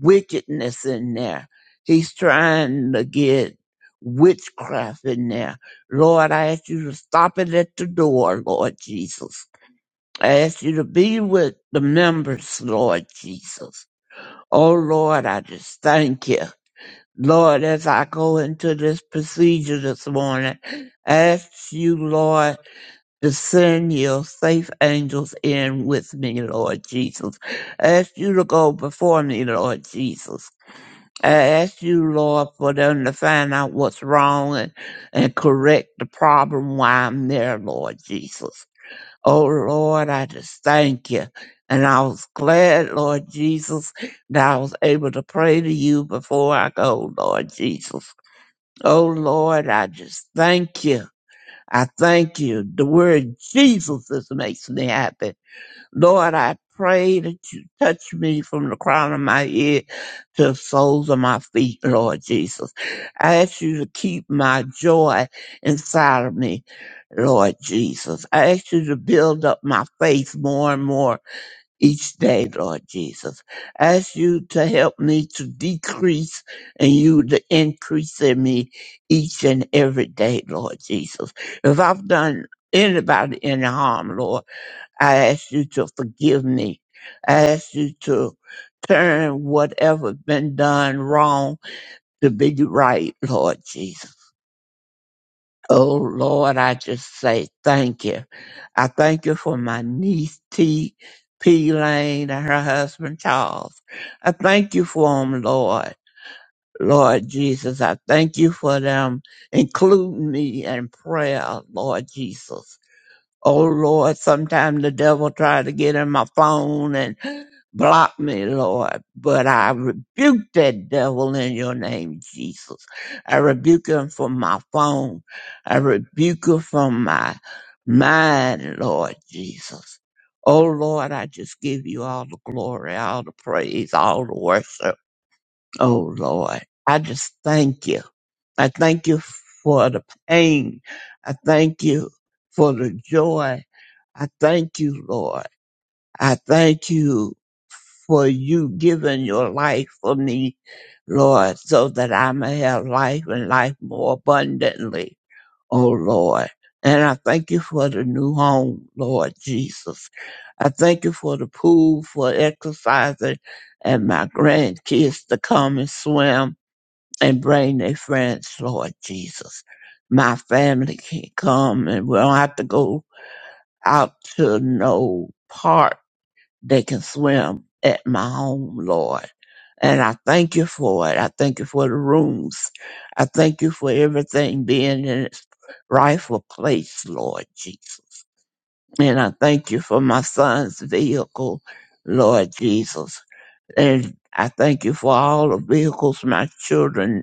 [SPEAKER 3] wickedness in there. He's trying to get witchcraft in there. Lord, I ask you to stop it at the door, Lord Jesus. I ask you to be with the members, Lord Jesus. Oh Lord, I just thank you. Lord, as I go into this procedure this morning, I ask you, Lord, to send your safe angels in with me, Lord Jesus. I Ask you to go before me, Lord Jesus. I ask you, Lord, for them to find out what's wrong and, and correct the problem while I'm there, Lord Jesus. Oh Lord, I just thank you. And I was glad, Lord Jesus, that I was able to pray to you before I go, Lord Jesus. Oh Lord, I just thank you. I thank you. The word Jesus is makes me happy. Lord, I pray that you touch me from the crown of my head to the soles of my feet, Lord Jesus. I ask you to keep my joy inside of me, Lord Jesus. I ask you to build up my faith more and more each day, Lord Jesus. I ask you to help me to decrease and you to increase in me each and every day, Lord Jesus. If I've done anybody any harm, Lord, I ask you to forgive me. I ask you to turn whatever been done wrong to be right, Lord Jesus. Oh Lord, I just say thank you. I thank you for my niece T. P. Lane and her husband Charles. I thank you for them, Lord. Lord Jesus, I thank you for them including me in prayer, Lord Jesus. Oh Lord, sometimes the devil try to get in my phone and. Block me, Lord, but I rebuke that devil in your name, Jesus. I rebuke him from my phone. I rebuke him from my mind, Lord Jesus. Oh Lord, I just give you all the glory, all the praise, all the worship. Oh Lord, I just thank you. I thank you for the pain. I thank you for the joy. I thank you, Lord. I thank you for you giving your life for me, Lord, so that I may have life and life more abundantly, oh Lord. And I thank you for the new home, Lord Jesus. I thank you for the pool, for exercising, and my grandkids to come and swim and bring their friends, Lord Jesus. My family can come and we don't have to go out to no park. They can swim at my home, Lord. And I thank you for it. I thank you for the rooms. I thank you for everything being in its rightful place, Lord Jesus. And I thank you for my son's vehicle, Lord Jesus. And I thank you for all the vehicles my children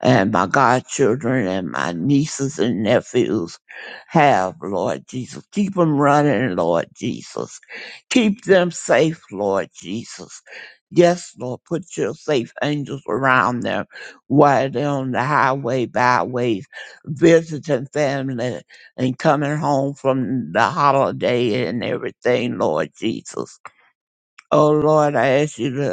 [SPEAKER 3] and my godchildren and my nieces and nephews have, Lord Jesus. Keep them running, Lord Jesus. Keep them safe, Lord Jesus. Yes, Lord, put your safe angels around them while they're on the highway, byways, visiting family and coming home from the holiday and everything, Lord Jesus. Oh, Lord, I ask you to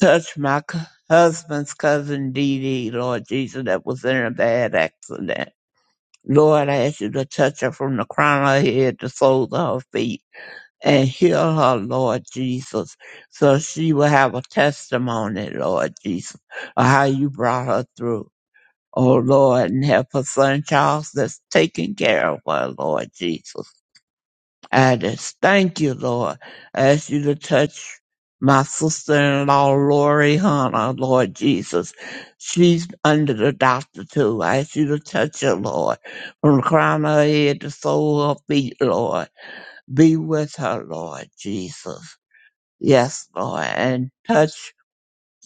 [SPEAKER 3] Touch my c- husband's cousin Dee Dee, Lord Jesus, that was in a bad accident. Lord, I ask you to touch her from the crown of her head to soles of her feet and heal her, Lord Jesus, so she will have a testimony, Lord Jesus, of how you brought her through. Oh Lord, and help her son Charles that's taking care of her, Lord Jesus. I just thank you, Lord. I ask you to touch my sister-in-law, Lori Hunter, Lord Jesus. She's under the doctor too. I ask you to touch her, Lord, from the crown of her head to the sole of her feet, Lord. Be with her, Lord Jesus. Yes, Lord, and touch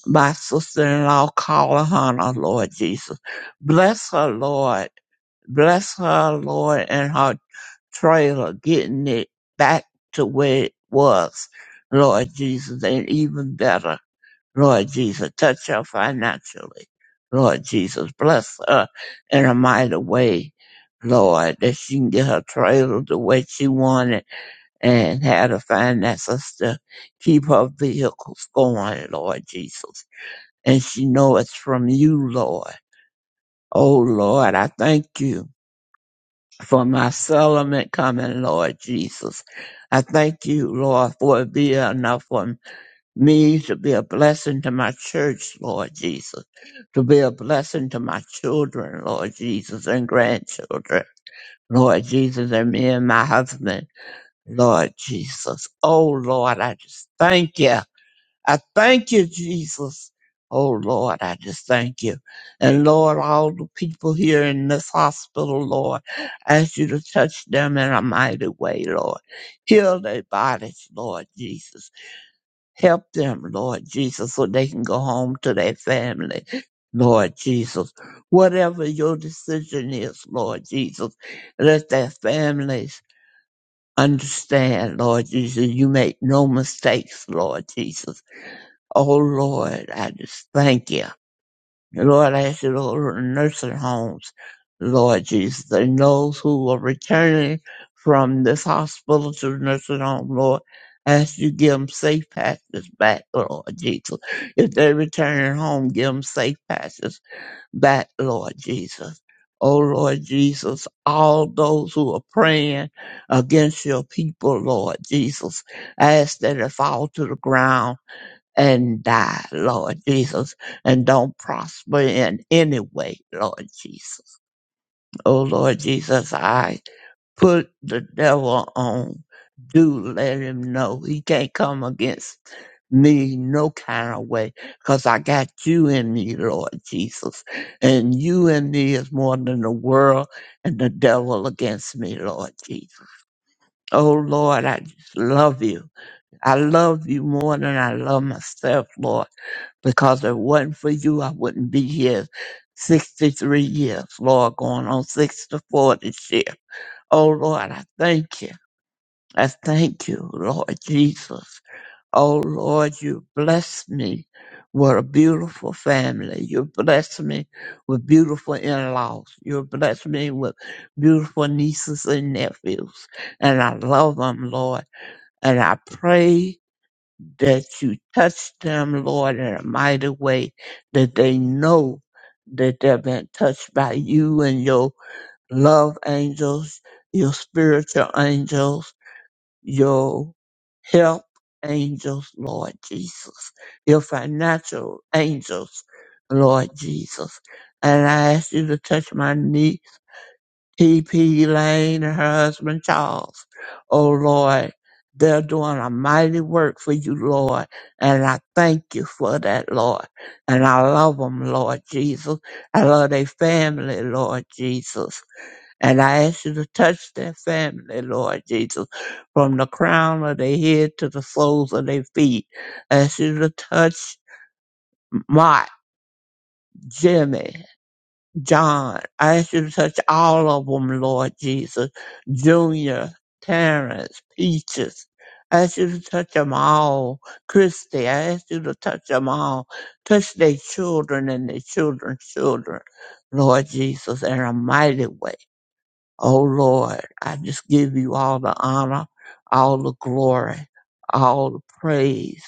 [SPEAKER 3] my sister-in-law, Carla Hunter, Lord Jesus. Bless her, Lord. Bless her, Lord, and her trailer, getting it back to where it was, Lord Jesus, and even better, Lord Jesus, touch her financially. Lord Jesus, bless her in a mighty way, Lord, that she can get her trailer the way she wanted and have the finances to keep her vehicles going, Lord Jesus. And she know it's from you, Lord. Oh, Lord, I thank you for my settlement coming, Lord Jesus. I thank you, Lord, for it being enough for me to be a blessing to my church, Lord Jesus, to be a blessing to my children, Lord Jesus, and grandchildren, Lord Jesus, and me and my husband, Lord Jesus. Oh, Lord, I just thank you. I thank you, Jesus. Oh Lord, I just thank you. And Lord, all the people here in this hospital, Lord, I ask you to touch them in a mighty way, Lord. Heal their bodies, Lord Jesus. Help them, Lord Jesus, so they can go home to their family. Lord Jesus, whatever your decision is, Lord Jesus, let their families understand, Lord Jesus, you make no mistakes, Lord Jesus Oh Lord, I just thank you. Lord, I ask you to open nursing homes. Lord Jesus, and those who are returning from this hospital to the nursing home, Lord, I ask you to give them safe passes back, Lord Jesus. If they're returning home, give them safe passes back, Lord Jesus. Oh Lord Jesus, all those who are praying against your people, Lord Jesus, I ask that it fall to the ground and die, Lord Jesus, and don't prosper in any way, Lord Jesus. Oh, Lord Jesus, I put the devil on. Do let him know he can't come against me no kind of way because I got you in me, Lord Jesus. And you in me is more than the world and the devil against me, Lord Jesus. Oh, Lord, I just love you. I love you more than I love myself, Lord because if it wasn't for you, I wouldn't be here 63 years, Lord, going on 64 this year. Oh, Lord, I thank you. I thank you, Lord Jesus. Oh, Lord, you bless me. with a beautiful family. You bless me with beautiful in-laws. You bless me with beautiful nieces and nephews. And I love them, Lord. And I pray that you touch them, Lord, in a mighty way, that they know that they've been touched by you and your love angels, your spiritual angels, your help angels, Lord Jesus, your financial angels, Lord Jesus. And I ask you to touch my knee T. P. Lane and her husband Charles. Oh Lord, they're doing a mighty work for you, Lord, and I thank you for that, Lord. And I love them, Lord Jesus. I love their family, Lord Jesus. And I ask you to touch their family, Lord Jesus, from the crown of their head to the soles of their feet. I ask you to touch Mark, Jimmy. John. I ask you to touch all of them, Lord Jesus. Junior, Terrence, Peaches. I ask you to touch them all. Christy, I ask you to touch them all. Touch their children and their children's children, Lord Jesus, in a mighty way. Oh Lord, I just give you all the honor, all the glory, all the praise,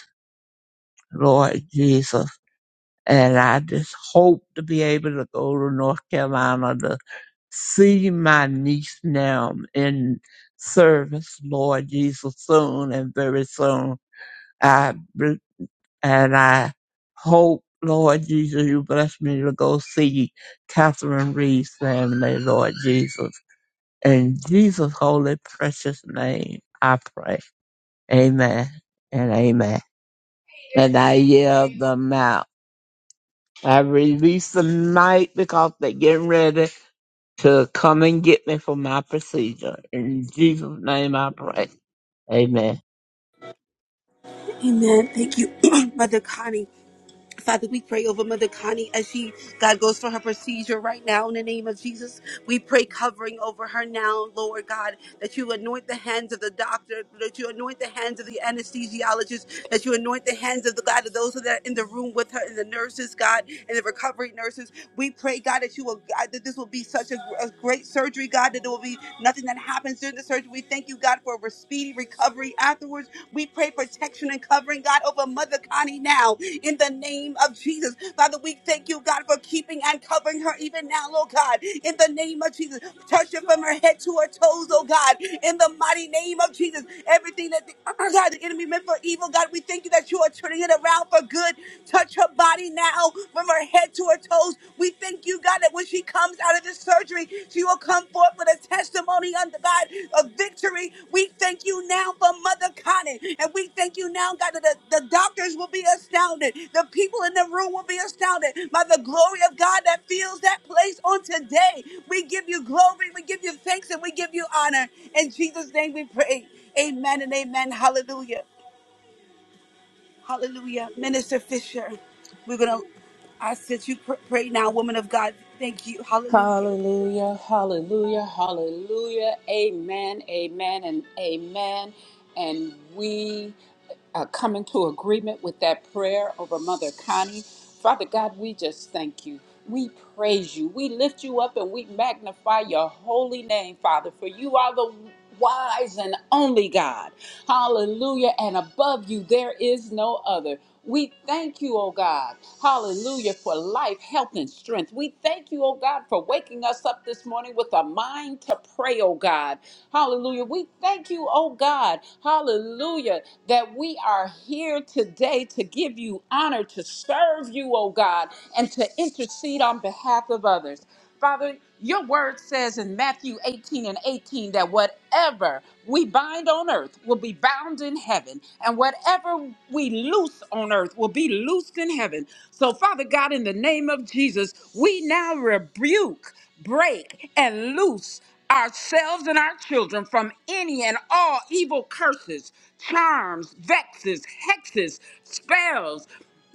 [SPEAKER 3] Lord Jesus. And I just hope to be able to go to North Carolina to see my niece now in service, Lord Jesus, soon and very soon. I bl- and I hope, Lord Jesus, you bless me to go see Catherine Reed's family, Lord Jesus. In Jesus' holy precious name, I pray. Amen and amen. And I yield the mouth. I release the mic because they're getting ready to come and get me for my procedure. In Jesus' name I pray. Amen.
[SPEAKER 1] Amen. Thank you, Mother Connie. Father, we pray over Mother Connie as she, God, goes for her procedure right now in the name of Jesus. We pray covering over her now, Lord God, that you anoint the hands of the doctor, that you anoint the hands of the anesthesiologist, that you anoint the hands of the God, of those that are in the room with her, and the nurses, God, and the recovery nurses. We pray, God, that you will, God, that this will be such a, a great surgery, God, that there will be nothing that happens during the surgery. We thank you, God. God, for a speedy recovery afterwards. We pray protection and covering, God, over Mother Connie now in the name of Jesus. Father, we thank you, God, for keeping and covering her even now, Lord God, in the name of Jesus. Touch her from her head to her toes, oh God, in the mighty name of Jesus. Everything that the, oh God, the enemy meant for evil, God, we thank you that you are turning it around for good. Touch her body now from her head to her toes. We. We thank you, God, that when she comes out of this surgery, she will come forth with a testimony under God of victory. We thank you now for Mother Connie. And we thank you now, God, that the, the doctors will be astounded. The people in the room will be astounded by the glory of God that fills that place on today. We give you glory, we give you thanks, and we give you honor. In Jesus' name we pray. Amen and amen. Hallelujah. Hallelujah. Minister Fisher, we're going to, ask that you pr- pray now, woman of God. Thank you. Hallelujah.
[SPEAKER 4] Hallelujah, hallelujah, hallelujah. Amen, amen, and amen. And we uh, come into agreement with that prayer over Mother Connie. Father God, we just thank you. We praise you. We lift you up and we magnify your holy name, Father, for you are the wise and only God. Hallelujah. And above you, there is no other. We thank you, oh God. Hallelujah for life, health, and strength. We thank you, oh God, for waking us up this morning with a mind to pray, oh God. Hallelujah. We thank you, oh God. Hallelujah. That we are here today to give you honor, to serve you, oh God, and to intercede on behalf of others. Father, your word says in Matthew 18 and 18 that whatever we bind on earth will be bound in heaven, and whatever we loose on earth will be loosed in heaven. So, Father God, in the name of Jesus, we now rebuke, break, and loose ourselves and our children from any and all evil curses, charms, vexes, hexes, spells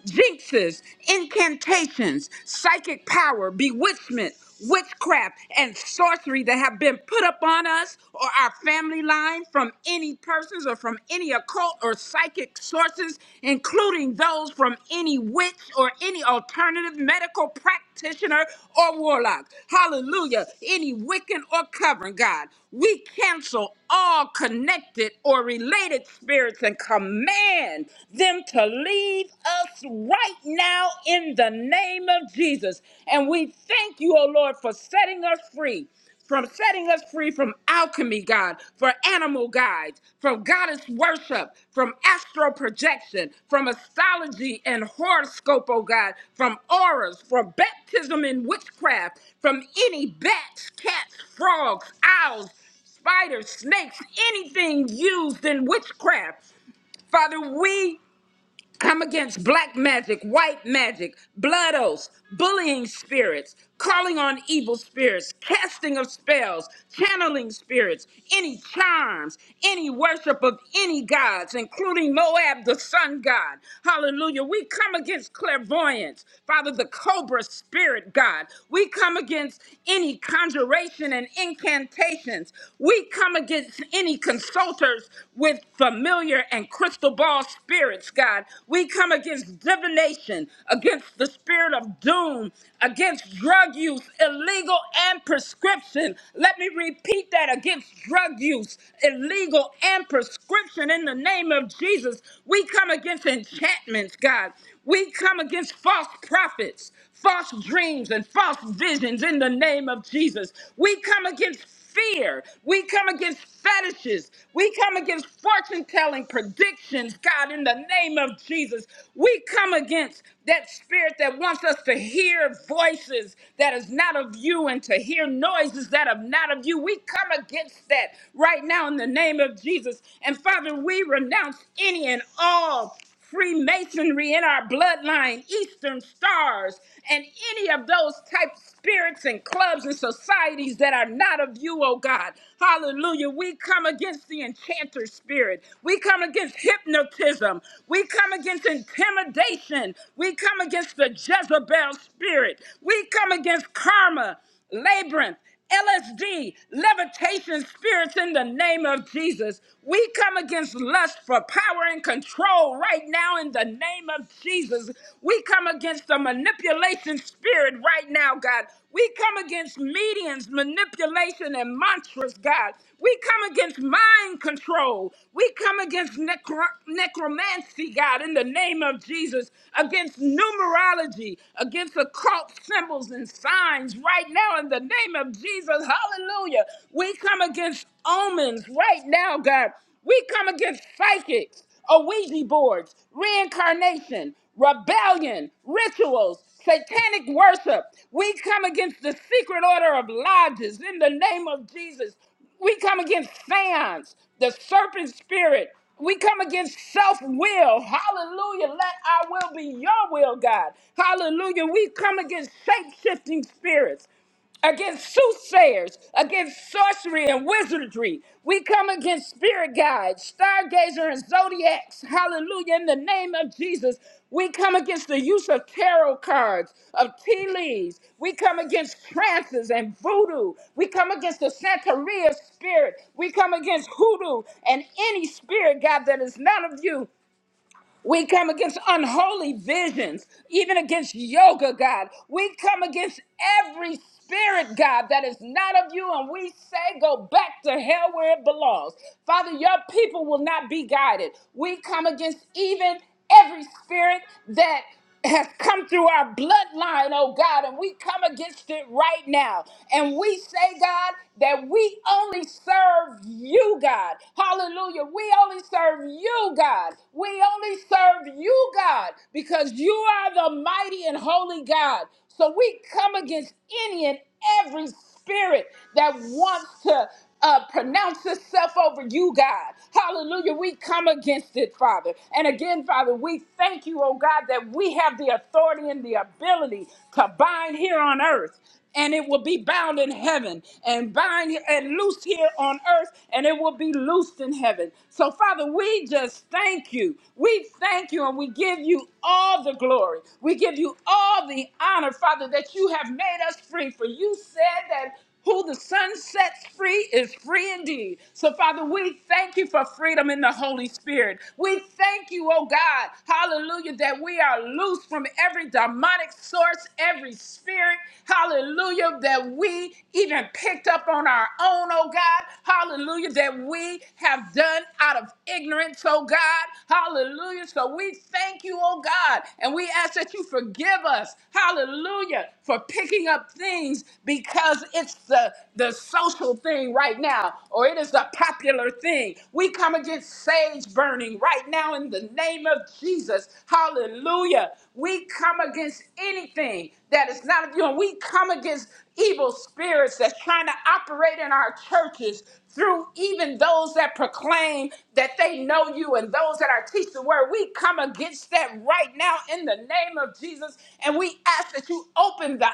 [SPEAKER 4] jinxes, incantations, psychic power, bewitchment, witchcraft, and sorcery that have been put upon us or our family line from any persons or from any occult or psychic sources, including those from any witch or any alternative medical practitioner or warlock. Hallelujah. Any Wiccan or covering, God. We cancel all connected or related spirits and command them to leave us right now in the name of Jesus. And we thank you, O Lord, for setting us free. From setting us free from alchemy, God, for animal guides, from goddess worship, from astral projection, from astrology and horoscope, oh God, from auras, from baptism in witchcraft, from any bats, cats, frogs, owls, spiders, snakes, anything used in witchcraft. Father, we I'm against black magic, white magic, blood oaths, bullying spirits, calling on evil spirits, casting of spells, channeling spirits, any charms, any worship of any gods, including Moab, the sun god. Hallelujah. We come against clairvoyance, Father, the cobra spirit god. We come against any conjuration and incantations. We come against any consulting consulters with familiar and crystal ball spirits, God. We come against divination, against the spirit of doom, against drug use, illegal and prescription. Let me repeat that against drug use, illegal and prescription in the name of Jesus. We come against enchantments, God. We come against false prophets, false dreams, and false visions in the name of Jesus. We come against fear. We come against fetishes. We come against fortune telling predictions, God, in the name of Jesus. We come against that spirit that wants us to hear voices that is not of you and to hear noises that are not of you. We come against that right now in the name of Jesus. And Father, we renounce any and all. Freemasonry in our bloodline, Eastern Stars, and any of those type spirits and clubs and societies that are not of you, oh God. Hallelujah. We come against the enchanter spirit. We come against hypnotism. We come against intimidation. We come against the Jezebel spirit. We come against karma, labyrinth. LSD, levitation spirits in the name of Jesus. We come against lust for power and control right now in the name of Jesus. We come against the manipulation spirit right now, God. We come against mediums, manipulation, and mantras, God. We come against mind control. We come against necro- necromancy, God, in the name of Jesus, against numerology, against occult symbols and signs right now in the the name of Jesus. Hallelujah. We come against omens right now, God. We come against psychics, Ouija boards, reincarnation, rebellion, rituals, satanic worship. We come against the secret order of lodges in the name of Jesus. We come against seance, the serpent spirit. We come against self will. Hallelujah. Let our will be your will, God. Hallelujah. We come against shape shifting spirits against soothsayers, against sorcery and wizardry. We come against spirit guides, stargazer, and zodiacs. Hallelujah. In the name of Jesus, we come against the use of tarot cards, of tea leaves. We come against trances and voodoo. We come against the Santeria spirit. We come against hoodoo and any spirit, God, that is none of you. We come against unholy visions, even against yoga, God. We come against every spirit, God, that is not of you, and we say, go back to hell where it belongs. Father, your people will not be guided. We come against even every spirit that has come through our bloodline, oh God, and we come against it right now. And we say, God, that we only serve you, God. Hallelujah. We only serve you, God. We only serve you, God, because you are the mighty and holy God. So we come against any and every spirit that wants to uh, pronounce itself over you, God. Hallelujah. We come against it, Father. And again, Father, we thank you, oh God, that we have the authority and the ability to bind here on earth and it will be bound in heaven and bind and loosed here on earth and it will be loosed in heaven. So Father, we just thank you. We thank you and we give you all the glory. We give you all the honor, Father, that you have made us free for you said that who the sun sets free is free indeed. So, Father, we thank you for freedom in the Holy Spirit. We thank you, oh God, hallelujah, that we are loose from every demonic source, every spirit, hallelujah, that we even picked up on our own, oh God, hallelujah, that we have done out of ignorance, oh God, hallelujah. So, we thank you, oh God, and we ask that you forgive us, hallelujah, for picking up things because it's the, the social thing right now or it is the popular thing. We come against sage burning right now in the name of Jesus. Hallelujah. We come against anything that is not of you, and we come against evil spirits that's trying to operate in our churches through even those that proclaim that they know you and those that are teaching the word. We come against that right now in the name name of Jesus. And we ask that you open the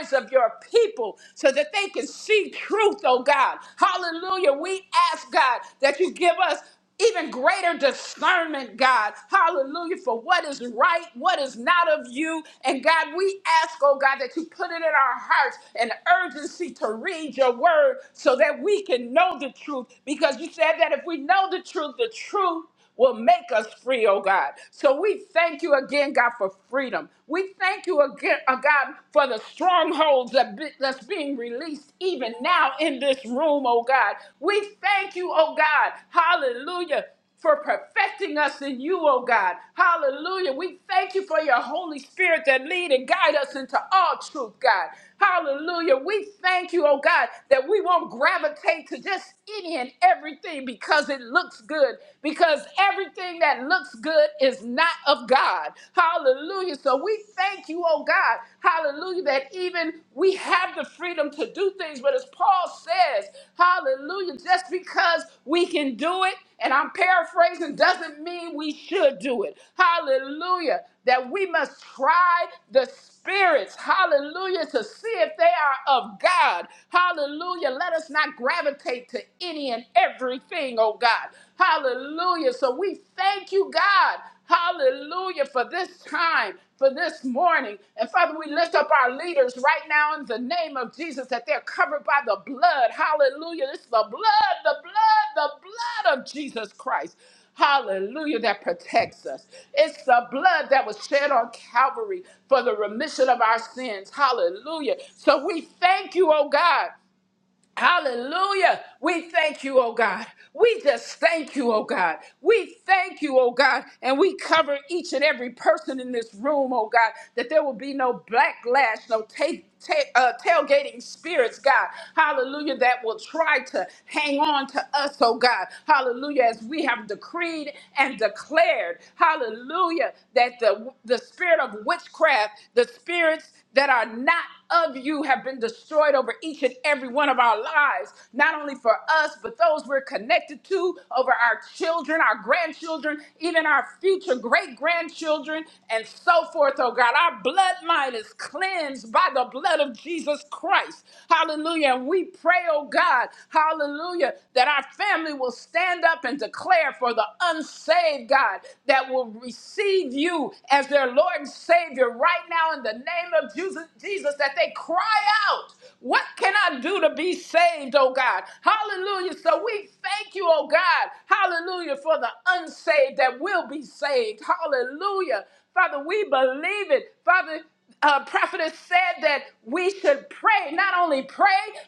[SPEAKER 4] eyes of your people so that they can see truth, oh God. Hallelujah. We ask, God, that you give us even greater discernment, God. Hallelujah. For what is right, what is not of you. And God, we ask, oh God, that you put it in our hearts an urgency to read your word so that we can know the truth. Because you said that if we know the truth, the truth will make us free, oh God. So we thank you again, God, for freedom. We thank you again, oh God, for the strongholds that be- that's being released even now in this room, oh God. We thank you, oh God. Hallelujah. For perfecting us in you, oh God. Hallelujah. We thank you for your Holy Spirit that lead and guide us into all truth, God. Hallelujah. We thank you, oh God, that we won't gravitate to just any and everything because it looks good, because everything that looks good is not of God. Hallelujah. So we thank you, oh God. Hallelujah, that even we have the freedom to do things. But as Paul says, hallelujah, just because we can do it, and I'm paraphrasing, doesn't mean we should do it. Hallelujah. That we must try the spirits, hallelujah, to see if they are of God. Hallelujah. Let us not gravitate to any and everything, oh God. Hallelujah. So we thank you, God. Hallelujah for this time, for this morning. And Father, we lift up our leaders right now in the name of Jesus that they're covered by the blood. Hallelujah. This is the blood, the blood, the blood of Jesus Christ. Hallelujah, that protects us. It's the blood that was shed on Calvary for the remission of our sins. Hallelujah. So we thank you, oh God. Hallelujah. We thank you, oh God. We just thank you, oh God. We thank you, oh God. And we cover each and every person in this room, oh God, that there will be no backlash, no take. uh, tailgating spirits, God, hallelujah, that will try to hang on to us, oh God, hallelujah, as we have decreed and declared, hallelujah, that the, the spirit of witchcraft, the spirits that are not of you have been destroyed over each and every one of our lives, not only for us, but those we're connected to, over our children, our grandchildren, even our future great grandchildren, and so forth, oh God. Our bloodline is cleansed by the blood of Jesus Christ. Hallelujah. And we pray, oh God, hallelujah, that our family will stand up and declare for the unsaved God that will receive you as their Lord and Savior right now in the name of Jesus, Jesus that they cry out, What can I do to be saved, oh God? Hallelujah. So we thank you, oh God. Hallelujah for the unsaved that will be saved. Hallelujah. Father, we believe it. Father, uh, prophetess said that we should pray, not only pray,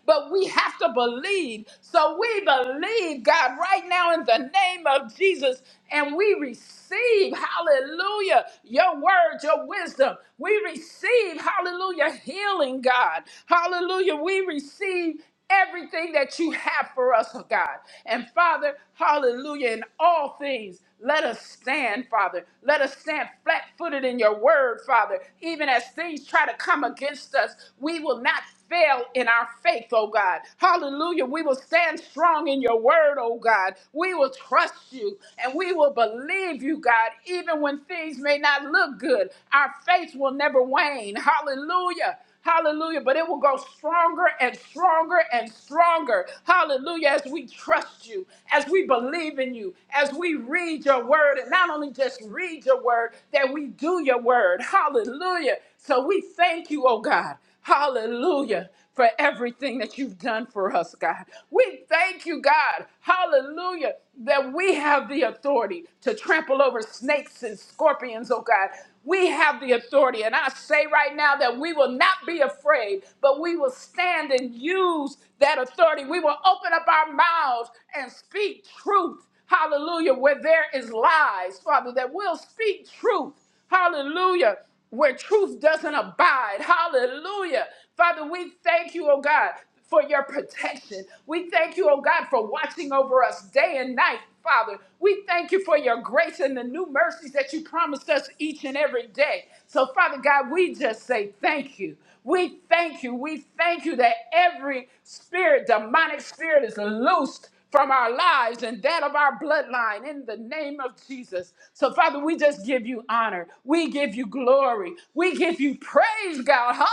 [SPEAKER 4] but we have to believe. So we believe, God, right now in the name of Jesus, and we receive, hallelujah, your word, your wisdom. We receive, hallelujah, healing, God. Hallelujah, we receive. Everything that you have for us, oh God. And Father, hallelujah, in all things. Let us stand, Father. Let us stand flat footed in your word, Father. Even as things try to come against us, we will not fail in our faith, oh God. Hallelujah. We will stand strong in your word, oh God. We will trust you and we will believe you, God, even when things may not look good. Our faith will never wane. Hallelujah. Hallelujah. But it will grow stronger and stronger and stronger. Hallelujah. As we trust you, as we believe in you, as we read your word, and not only just read your word, that we do your word. Hallelujah. So we thank you, oh God. Hallelujah. For everything that you've done for us, God. We thank you, God. Hallelujah. That we have the authority to trample over snakes and scorpions, oh God. We have the authority. And I say right now that we will not be afraid, but we will stand and use that authority. We will open up our mouths and speak truth. Hallelujah. Where there is lies, Father, that we'll speak truth. Hallelujah where truth doesn't abide. Hallelujah. Father, we thank you, oh God, for your protection. We thank you, oh God, for watching over us day and night, Father. We thank you for your grace and the new mercies that you promised us each and every day. So, Father God, we just say thank you. We thank you. We thank you that every spirit, demonic spirit, is loosed from our lives and that of our bloodline in the name of Jesus. So, Father, we just give you honor. We give you glory. We give you praise, God. Hallelujah.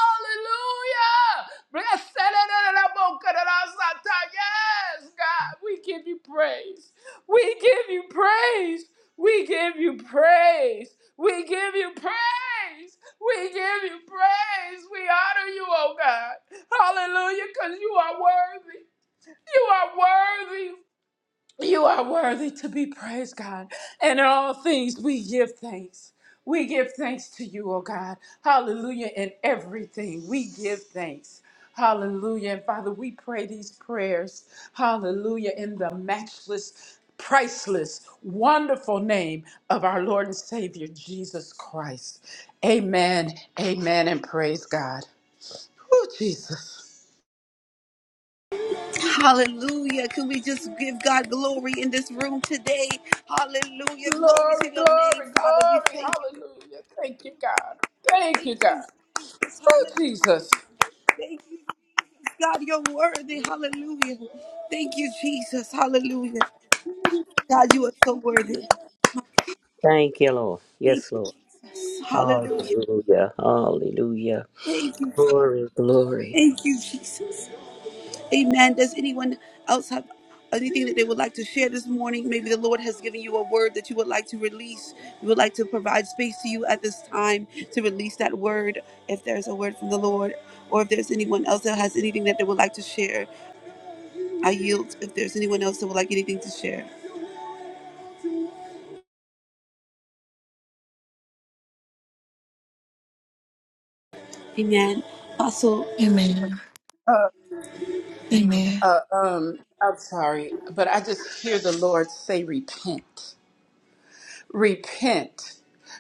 [SPEAKER 4] Blessed. Yes, God. We give you praise. We give you praise. We give you praise. We give you praise. We give you praise. We honor you, oh God. Hallelujah, because you are worthy. You are worthy. You are worthy to be praised, God. And in all things, we give thanks. We give thanks to you, oh God. Hallelujah. In everything, we give thanks. Hallelujah. And Father, we pray these prayers. Hallelujah. In the matchless, priceless, wonderful name of our Lord and Savior, Jesus Christ. Amen. Amen. And praise God. Oh, Jesus.
[SPEAKER 1] Hallelujah. Can we just give God glory in this room today? Hallelujah. Glory to
[SPEAKER 4] Glory,
[SPEAKER 1] your name,
[SPEAKER 4] glory,
[SPEAKER 1] Father. We
[SPEAKER 4] glory.
[SPEAKER 1] thank you.
[SPEAKER 4] Hallelujah. Thank you, God. Thank you,
[SPEAKER 1] Thank you,
[SPEAKER 4] God.
[SPEAKER 1] Jesus.
[SPEAKER 4] Oh,
[SPEAKER 1] Hallelujah.
[SPEAKER 4] Jesus.
[SPEAKER 1] Thank you, Jesus. God, you're worthy. Hallelujah. Thank you, Jesus. Hallelujah. God, you are so worthy. My God,
[SPEAKER 5] Thank you, Lord.
[SPEAKER 1] Thank
[SPEAKER 5] Yes,
[SPEAKER 1] you,
[SPEAKER 5] Lord.
[SPEAKER 1] Jesus. Hallelujah.
[SPEAKER 5] Hallelujah. Hallelujah.
[SPEAKER 1] Thank you.
[SPEAKER 5] Glory, glory.
[SPEAKER 1] Thank you, Jesus. Amen. Does anyone else have anything that they would like to share this morning? Maybe the Lord has given you a word that you would like to release. We would like to provide space to you at this time to release that word if there's a word from the Lord, or if there's anyone else that has anything that they would like to share. I yield if there's anyone else that would like anything to share. Amen. Apostle.
[SPEAKER 6] Amen.
[SPEAKER 4] Uh,
[SPEAKER 6] Amen.
[SPEAKER 4] uh, um, I'm sorry, but I just hear the Lord say, repent. repent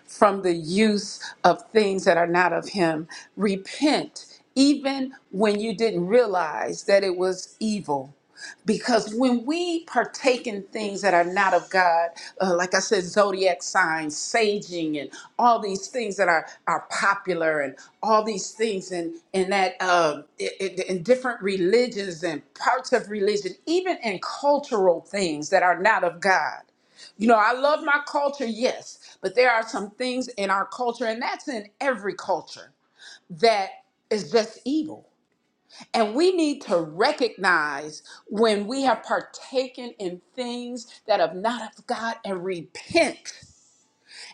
[SPEAKER 4] from the use of things that are not of Him. Repent even when you didn't realize that it was evil. Because when we partake in things that are not of God, uh, like I said, zodiac signs, saging, and all these things that are, are popular, and all these things, and and that uh, i- in different religions and parts of religion, even in cultural things that are not of God. You know, I love my culture, yes, but there are some things in our culture, and that's in every culture, that is just evil. And we need to recognize when we have partaken in things that have not of God and repent.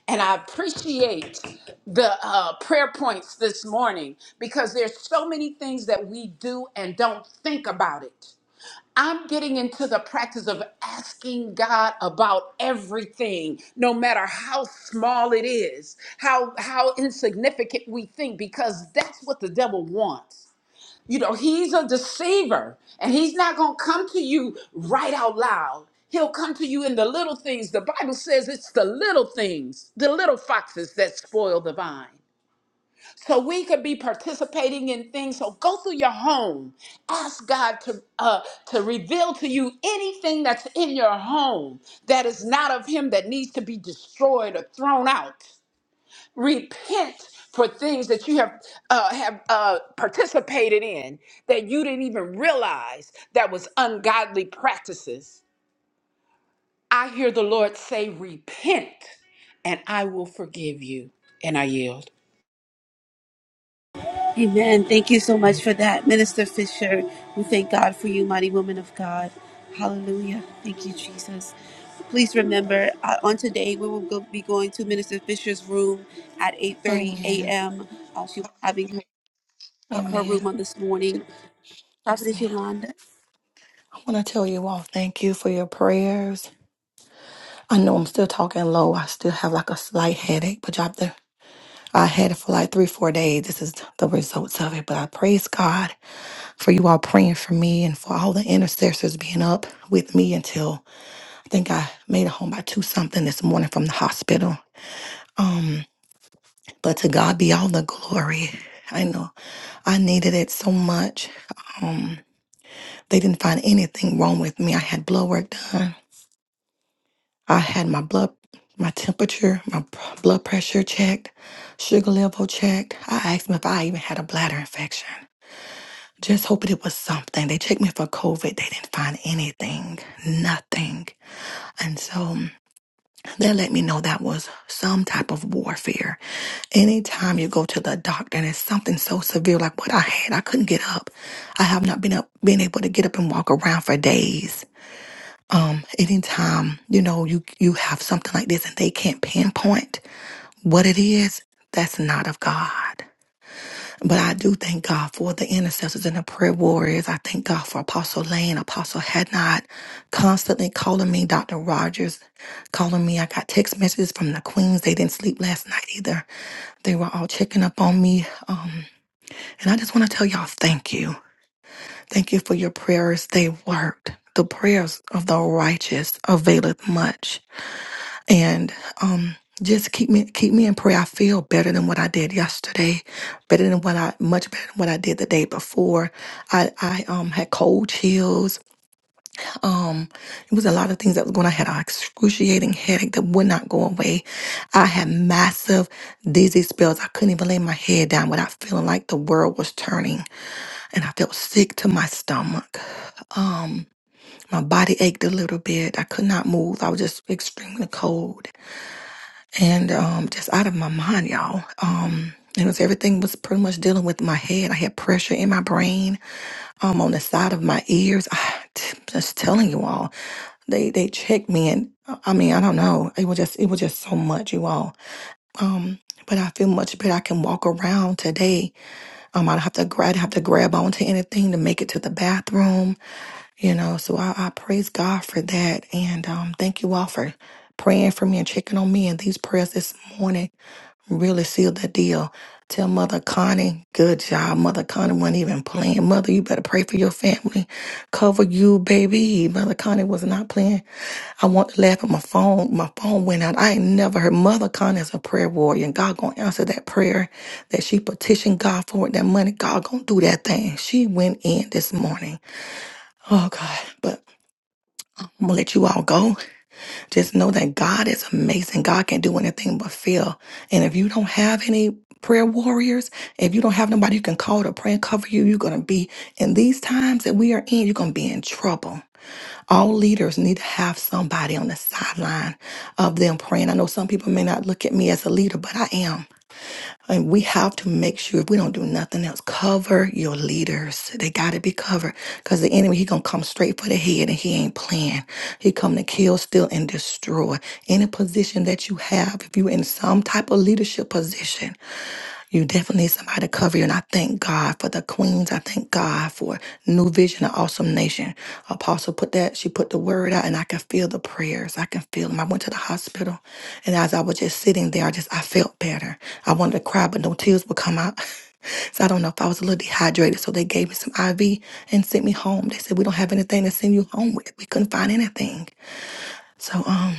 [SPEAKER 4] And I appreciate the uh, prayer points this morning because there's so many things that we do and don't think about it. I'm getting into the practice of asking God about everything, no matter how small it is, how how insignificant we think, because that's what the devil wants. You know, he's a deceiver, and he's not going to come to you right out loud. He'll come to you in the little things. The Bible says it's the little things, the little foxes that spoil the vine so we could be participating in things. So go through your home, ask God to uh, to reveal to you anything that's in your home that is not of Him that needs to be destroyed or thrown out. Repent for things that you have uh, have uh, participated in that you didn't even realize that was ungodly practices. I hear the Lord say, "Repent, and I will forgive you." And I yield.
[SPEAKER 1] Amen. Thank you so much for that, Minister Fisher. We thank God for you, mighty woman of God. Hallelujah. Thank you, Jesus. Please remember, uh, on today we will go, be going to Minister Fisher's room at 8:30
[SPEAKER 6] Amen.
[SPEAKER 1] a.m. Uh, she'll be having her, her room
[SPEAKER 6] Amen.
[SPEAKER 1] on this morning.
[SPEAKER 6] Yes,
[SPEAKER 1] Prophetess
[SPEAKER 6] ma'am.
[SPEAKER 1] Yolanda.
[SPEAKER 6] I want to tell you all thank you for your prayers. I know I'm still talking low. I still have like a slight headache, but y'all, the- I had it for like three, four days. This is the results of it. But I praise God for you all praying for me and for all the intercessors being up with me until I think I made it home by two something this morning from the hospital. Um, but to God be all the glory. I know I needed it so much. Um, They didn't find anything wrong with me. I had blood work done. I had my blood, my temperature, my p- blood pressure checked, sugar level checked. I asked them if I even had a bladder infection. Just hoping it was something. They checked me for COVID. They didn't find anything, nothing. And so um, they let me know that was some type of warfare. Anytime you go to the doctor and it's something so severe like what I had, I couldn't get up. I have not been up, been able to get up and walk around for days Anytime, you know, you you have something like this and they can't pinpoint what it is, that's not of God. But I do thank God for the intercessors and the prayer warriors. I thank God for Apostle Lane, Apostle Hadnot, constantly calling me, Dr. Rogers calling me. I got text messages from the Queens. They didn't sleep last night either. They were all checking up on me. Um, and I just want to tell y'all thank you. Thank you for your prayers. They worked. The prayers of the righteous availeth much and um just keep me keep me in prayer. I feel better than what I did yesterday, better than what I much better than what I did the day before. I I um had cold chills. Um, it was a lot of things that was going. on. I had an excruciating headache that would not go away. I had massive dizzy spells. I couldn't even lay my head down without feeling like the world was turning, and I felt sick to my stomach. Um, my body ached a little bit. I could not move. I was just extremely cold and um, just out of my mind, y'all. Um, it was everything was pretty much dealing with my head. I had pressure in my brain, um, on the side of my ears. I, just telling you all, they they checked me, and uh, I mean, I don't know. It was just it was just so much, you all. Um, but I feel much better. I can walk around today. Um, I don't have to grab have to grab onto anything to make it to the bathroom, you know. So I, I praise God for that, and um, thank you all for praying for me and checking on me in these prayers this morning. Really sealed that deal. Tell Mother Connie, good job. Mother Connie wasn't even playing. Mother, you better pray for your family. Cover you, baby. Mother Connie was not playing. I want to laugh at my phone. My phone went out. I ain't never heard Mother Connie is a prayer warrior. And God gonna answer that prayer that she petitioned God for with that money. God gonna do that thing. She went in this morning. Oh God. But I'm gonna let you all go. Just know that God is amazing. God can do anything but fail. And if you don't have any prayer warriors, if you don't have nobody you can call to pray and cover you, you're going to be in these times that we are in, you're going to be in trouble. All leaders need to have somebody on the sideline of them praying. I know some people may not look at me as a leader, but I am. And we have to make sure if we don't do nothing else, cover your leaders. They got to be covered because the enemy, he going to come straight for the head and he ain't playing. He come to kill, steal, and destroy. Any position that you have, if you in some type of leadership position, you definitely need somebody to cover you. And I thank God for the queens. I thank God for New Vision, an awesome nation. Apostle put that, she put the word out, and I could feel the prayers. I can feel them. I went to the hospital, and as I was just sitting there, I just I felt better. I wanted to cry, but no tears would come out. So I don't know if I was a little dehydrated. So they gave me some IV and sent me home. They said, We don't have anything to send you home with. We couldn't find anything. So um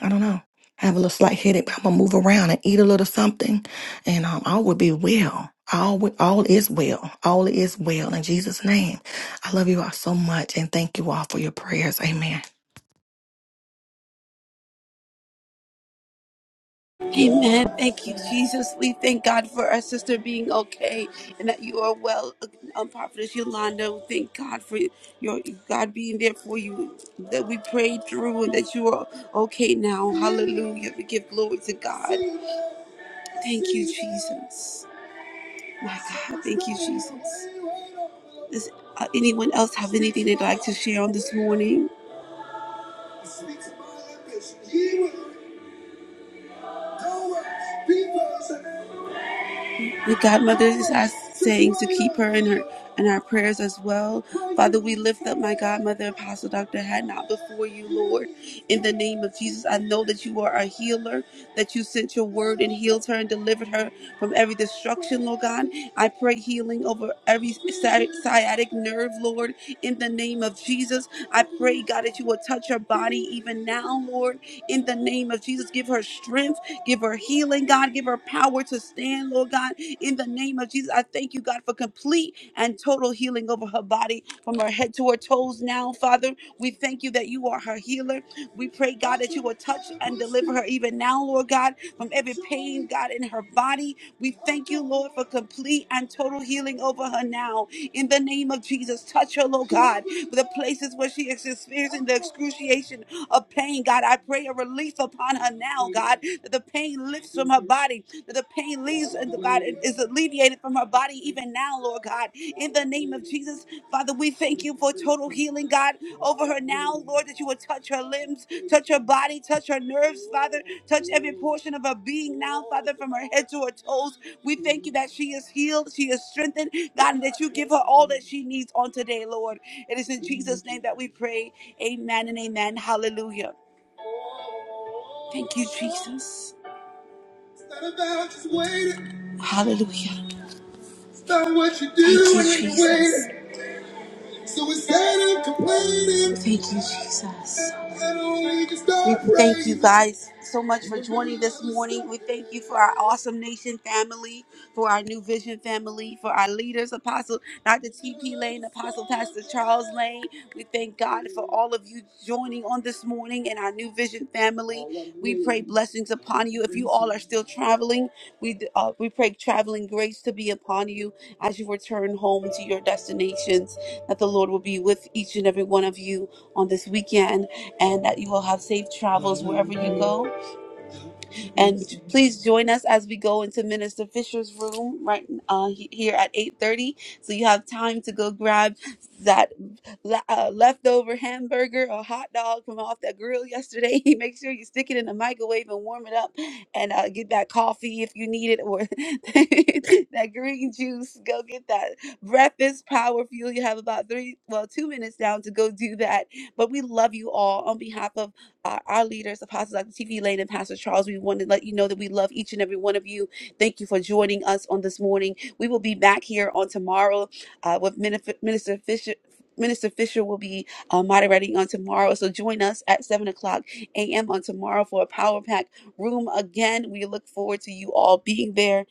[SPEAKER 6] I don't know. I have a little slight headache, but I'm gonna move around and eat a little something, and um, all will be well. All wi- all is well. All is well in Jesus' name. I love you all so much, and thank you all for your prayers. Amen.
[SPEAKER 1] Amen. Thank you, Jesus. We thank God for our sister being okay and that you are well. Um, Prophetess Yolanda, we thank God for your God being there for you, that we prayed through and that you are okay now. Hallelujah. We give glory to God. Thank you, Jesus. My God, thank you, Jesus. Does uh, anyone else have anything they'd like to share on this morning? The godmother is asked, saying to keep her in her in our prayers as well. Father, we lift up my godmother, Apostle Dr. Hadnot, before you, Lord. In the name of Jesus, I know that you are a healer, that you sent your word and healed her and delivered her from every destruction, Lord God. I pray healing over every sciatic sciatic nerve, Lord, in the name of Jesus. I pray, God, that you will touch her body even now, Lord, in the name of Jesus. Give her strength, give her healing, God. Give her power to stand, Lord God in the name of Jesus, I thank you, God, for complete and total healing over her body from her head to her toes now, Father. We thank you that you are her healer. We pray, God, that you will touch and deliver her even now, Lord God, from every pain, God, in her body. We thank you, Lord, for complete and total healing over her now. In the name of Jesus, touch her, Lord God, for the places where she is experiencing the excruciation of pain, God. I pray a relief upon her now, God, that the pain lifts from her body, that the pain leaves, and the God is alleviated from her body even now, Lord God. In the name of Jesus, Father, we thank you for total healing, God, over her now, Lord, that you would touch her limbs, touch her body, touch her nerves, Father, touch every portion of her being now, Father, from her head to her toes. We thank you that she is healed, she is strengthened, God, and that you give her all that she needs on today, Lord. It is in Jesus' name that we pray. Amen and amen. Hallelujah. Thank you, Jesus. Hallelujah. It's not what you Thank do you, when you wait. Jesus. So instead of complaining, thank you, Jesus. We thank you guys so much for joining this morning. We thank you for our awesome nation family, for our new vision family, for our leaders, Apostle Dr. T.P. Lane, Apostle Pastor Charles Lane. We thank God for all of you joining on this morning in our new vision family. We pray blessings upon you. If you all are still traveling, we uh, we pray traveling grace to be upon you as you return home to your destinations that the Lord will be with each and every one of you on this weekend and that you will have safe travels wherever you go. And please join us as we go into Minister Fisher's room right uh, he- here at 8:30. So you have time to go grab that la- uh, leftover hamburger or hot dog from off that grill yesterday. Make sure you stick it in the microwave and warm it up, and uh, get that coffee if you need it, or that green juice. Go get that breakfast power fuel. You have about three, well, two minutes down to go do that. But we love you all on behalf of our, our leaders, Apostles Dr. T.V. Lane and Pastor Charles. We want to let you know that we love each and every one of you. Thank you for joining us on this morning. We will be back here on tomorrow uh, with Minif- Minister Fisher. Minister Fisher will be uh, moderating on tomorrow. So join us at 7 o'clock a.m. on tomorrow for a Power Pack Room again. We look forward to you all being there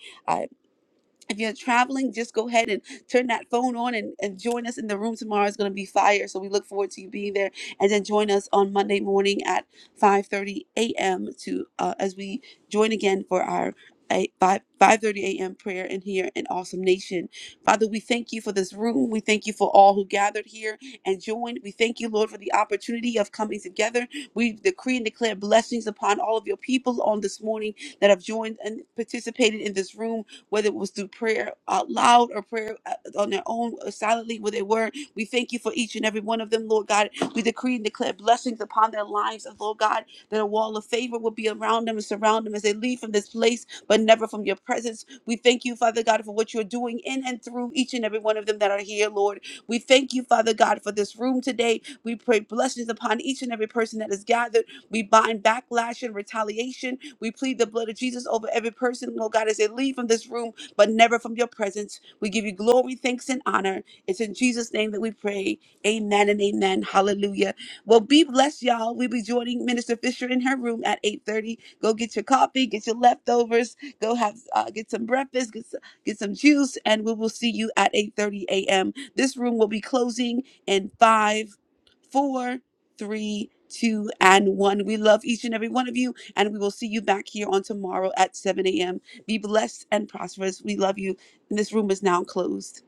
[SPEAKER 1] if you're traveling, just go ahead and turn that phone on and, and join us in the room tomorrow. It's going to be fire. So we look forward to you being there. And then join us on Monday morning at 5.30 a.m. to uh, as we join again for our a- 5 5.30 a.m. prayer in here in Awesome Nation. Father, we thank you for this room. We thank you for all who gathered here and joined. We thank you, Lord, for the opportunity of coming together. We decree and declare blessings upon all of your people on this morning that have joined and participated in this room whether it was through prayer out loud or prayer uh, on their own or silently where they were. We thank you for each and every one of them, Lord God. We decree and declare blessings upon their lives, and Lord God, that a wall of favor will be around them and surround them as they leave from this place, but never from your presence. We thank you, Father God, for what you're doing in and through each and every one of them that are here, Lord. We thank you, Father God, for this room today. We pray blessings upon each and every person that is gathered. We bind backlash and retaliation we plead the blood of Jesus over every person, Lord God, as they leave from this room, but never from your presence. We give you glory, thanks, and honor. It's in Jesus' name that we pray. Amen and amen. Hallelujah. Well, be blessed, y'all. We'll be joining Minister Fisher in her room at 8:30. Go get your coffee, get your leftovers, go have uh, get some breakfast, get some, get some juice, and we will see you at 8:30 a.m. This room will be closing in five, four, three, two, and one. We love each and every one of you. And we will see you back here on tomorrow at 7 a.m. Be blessed and prosperous. We love you. And this room is now closed.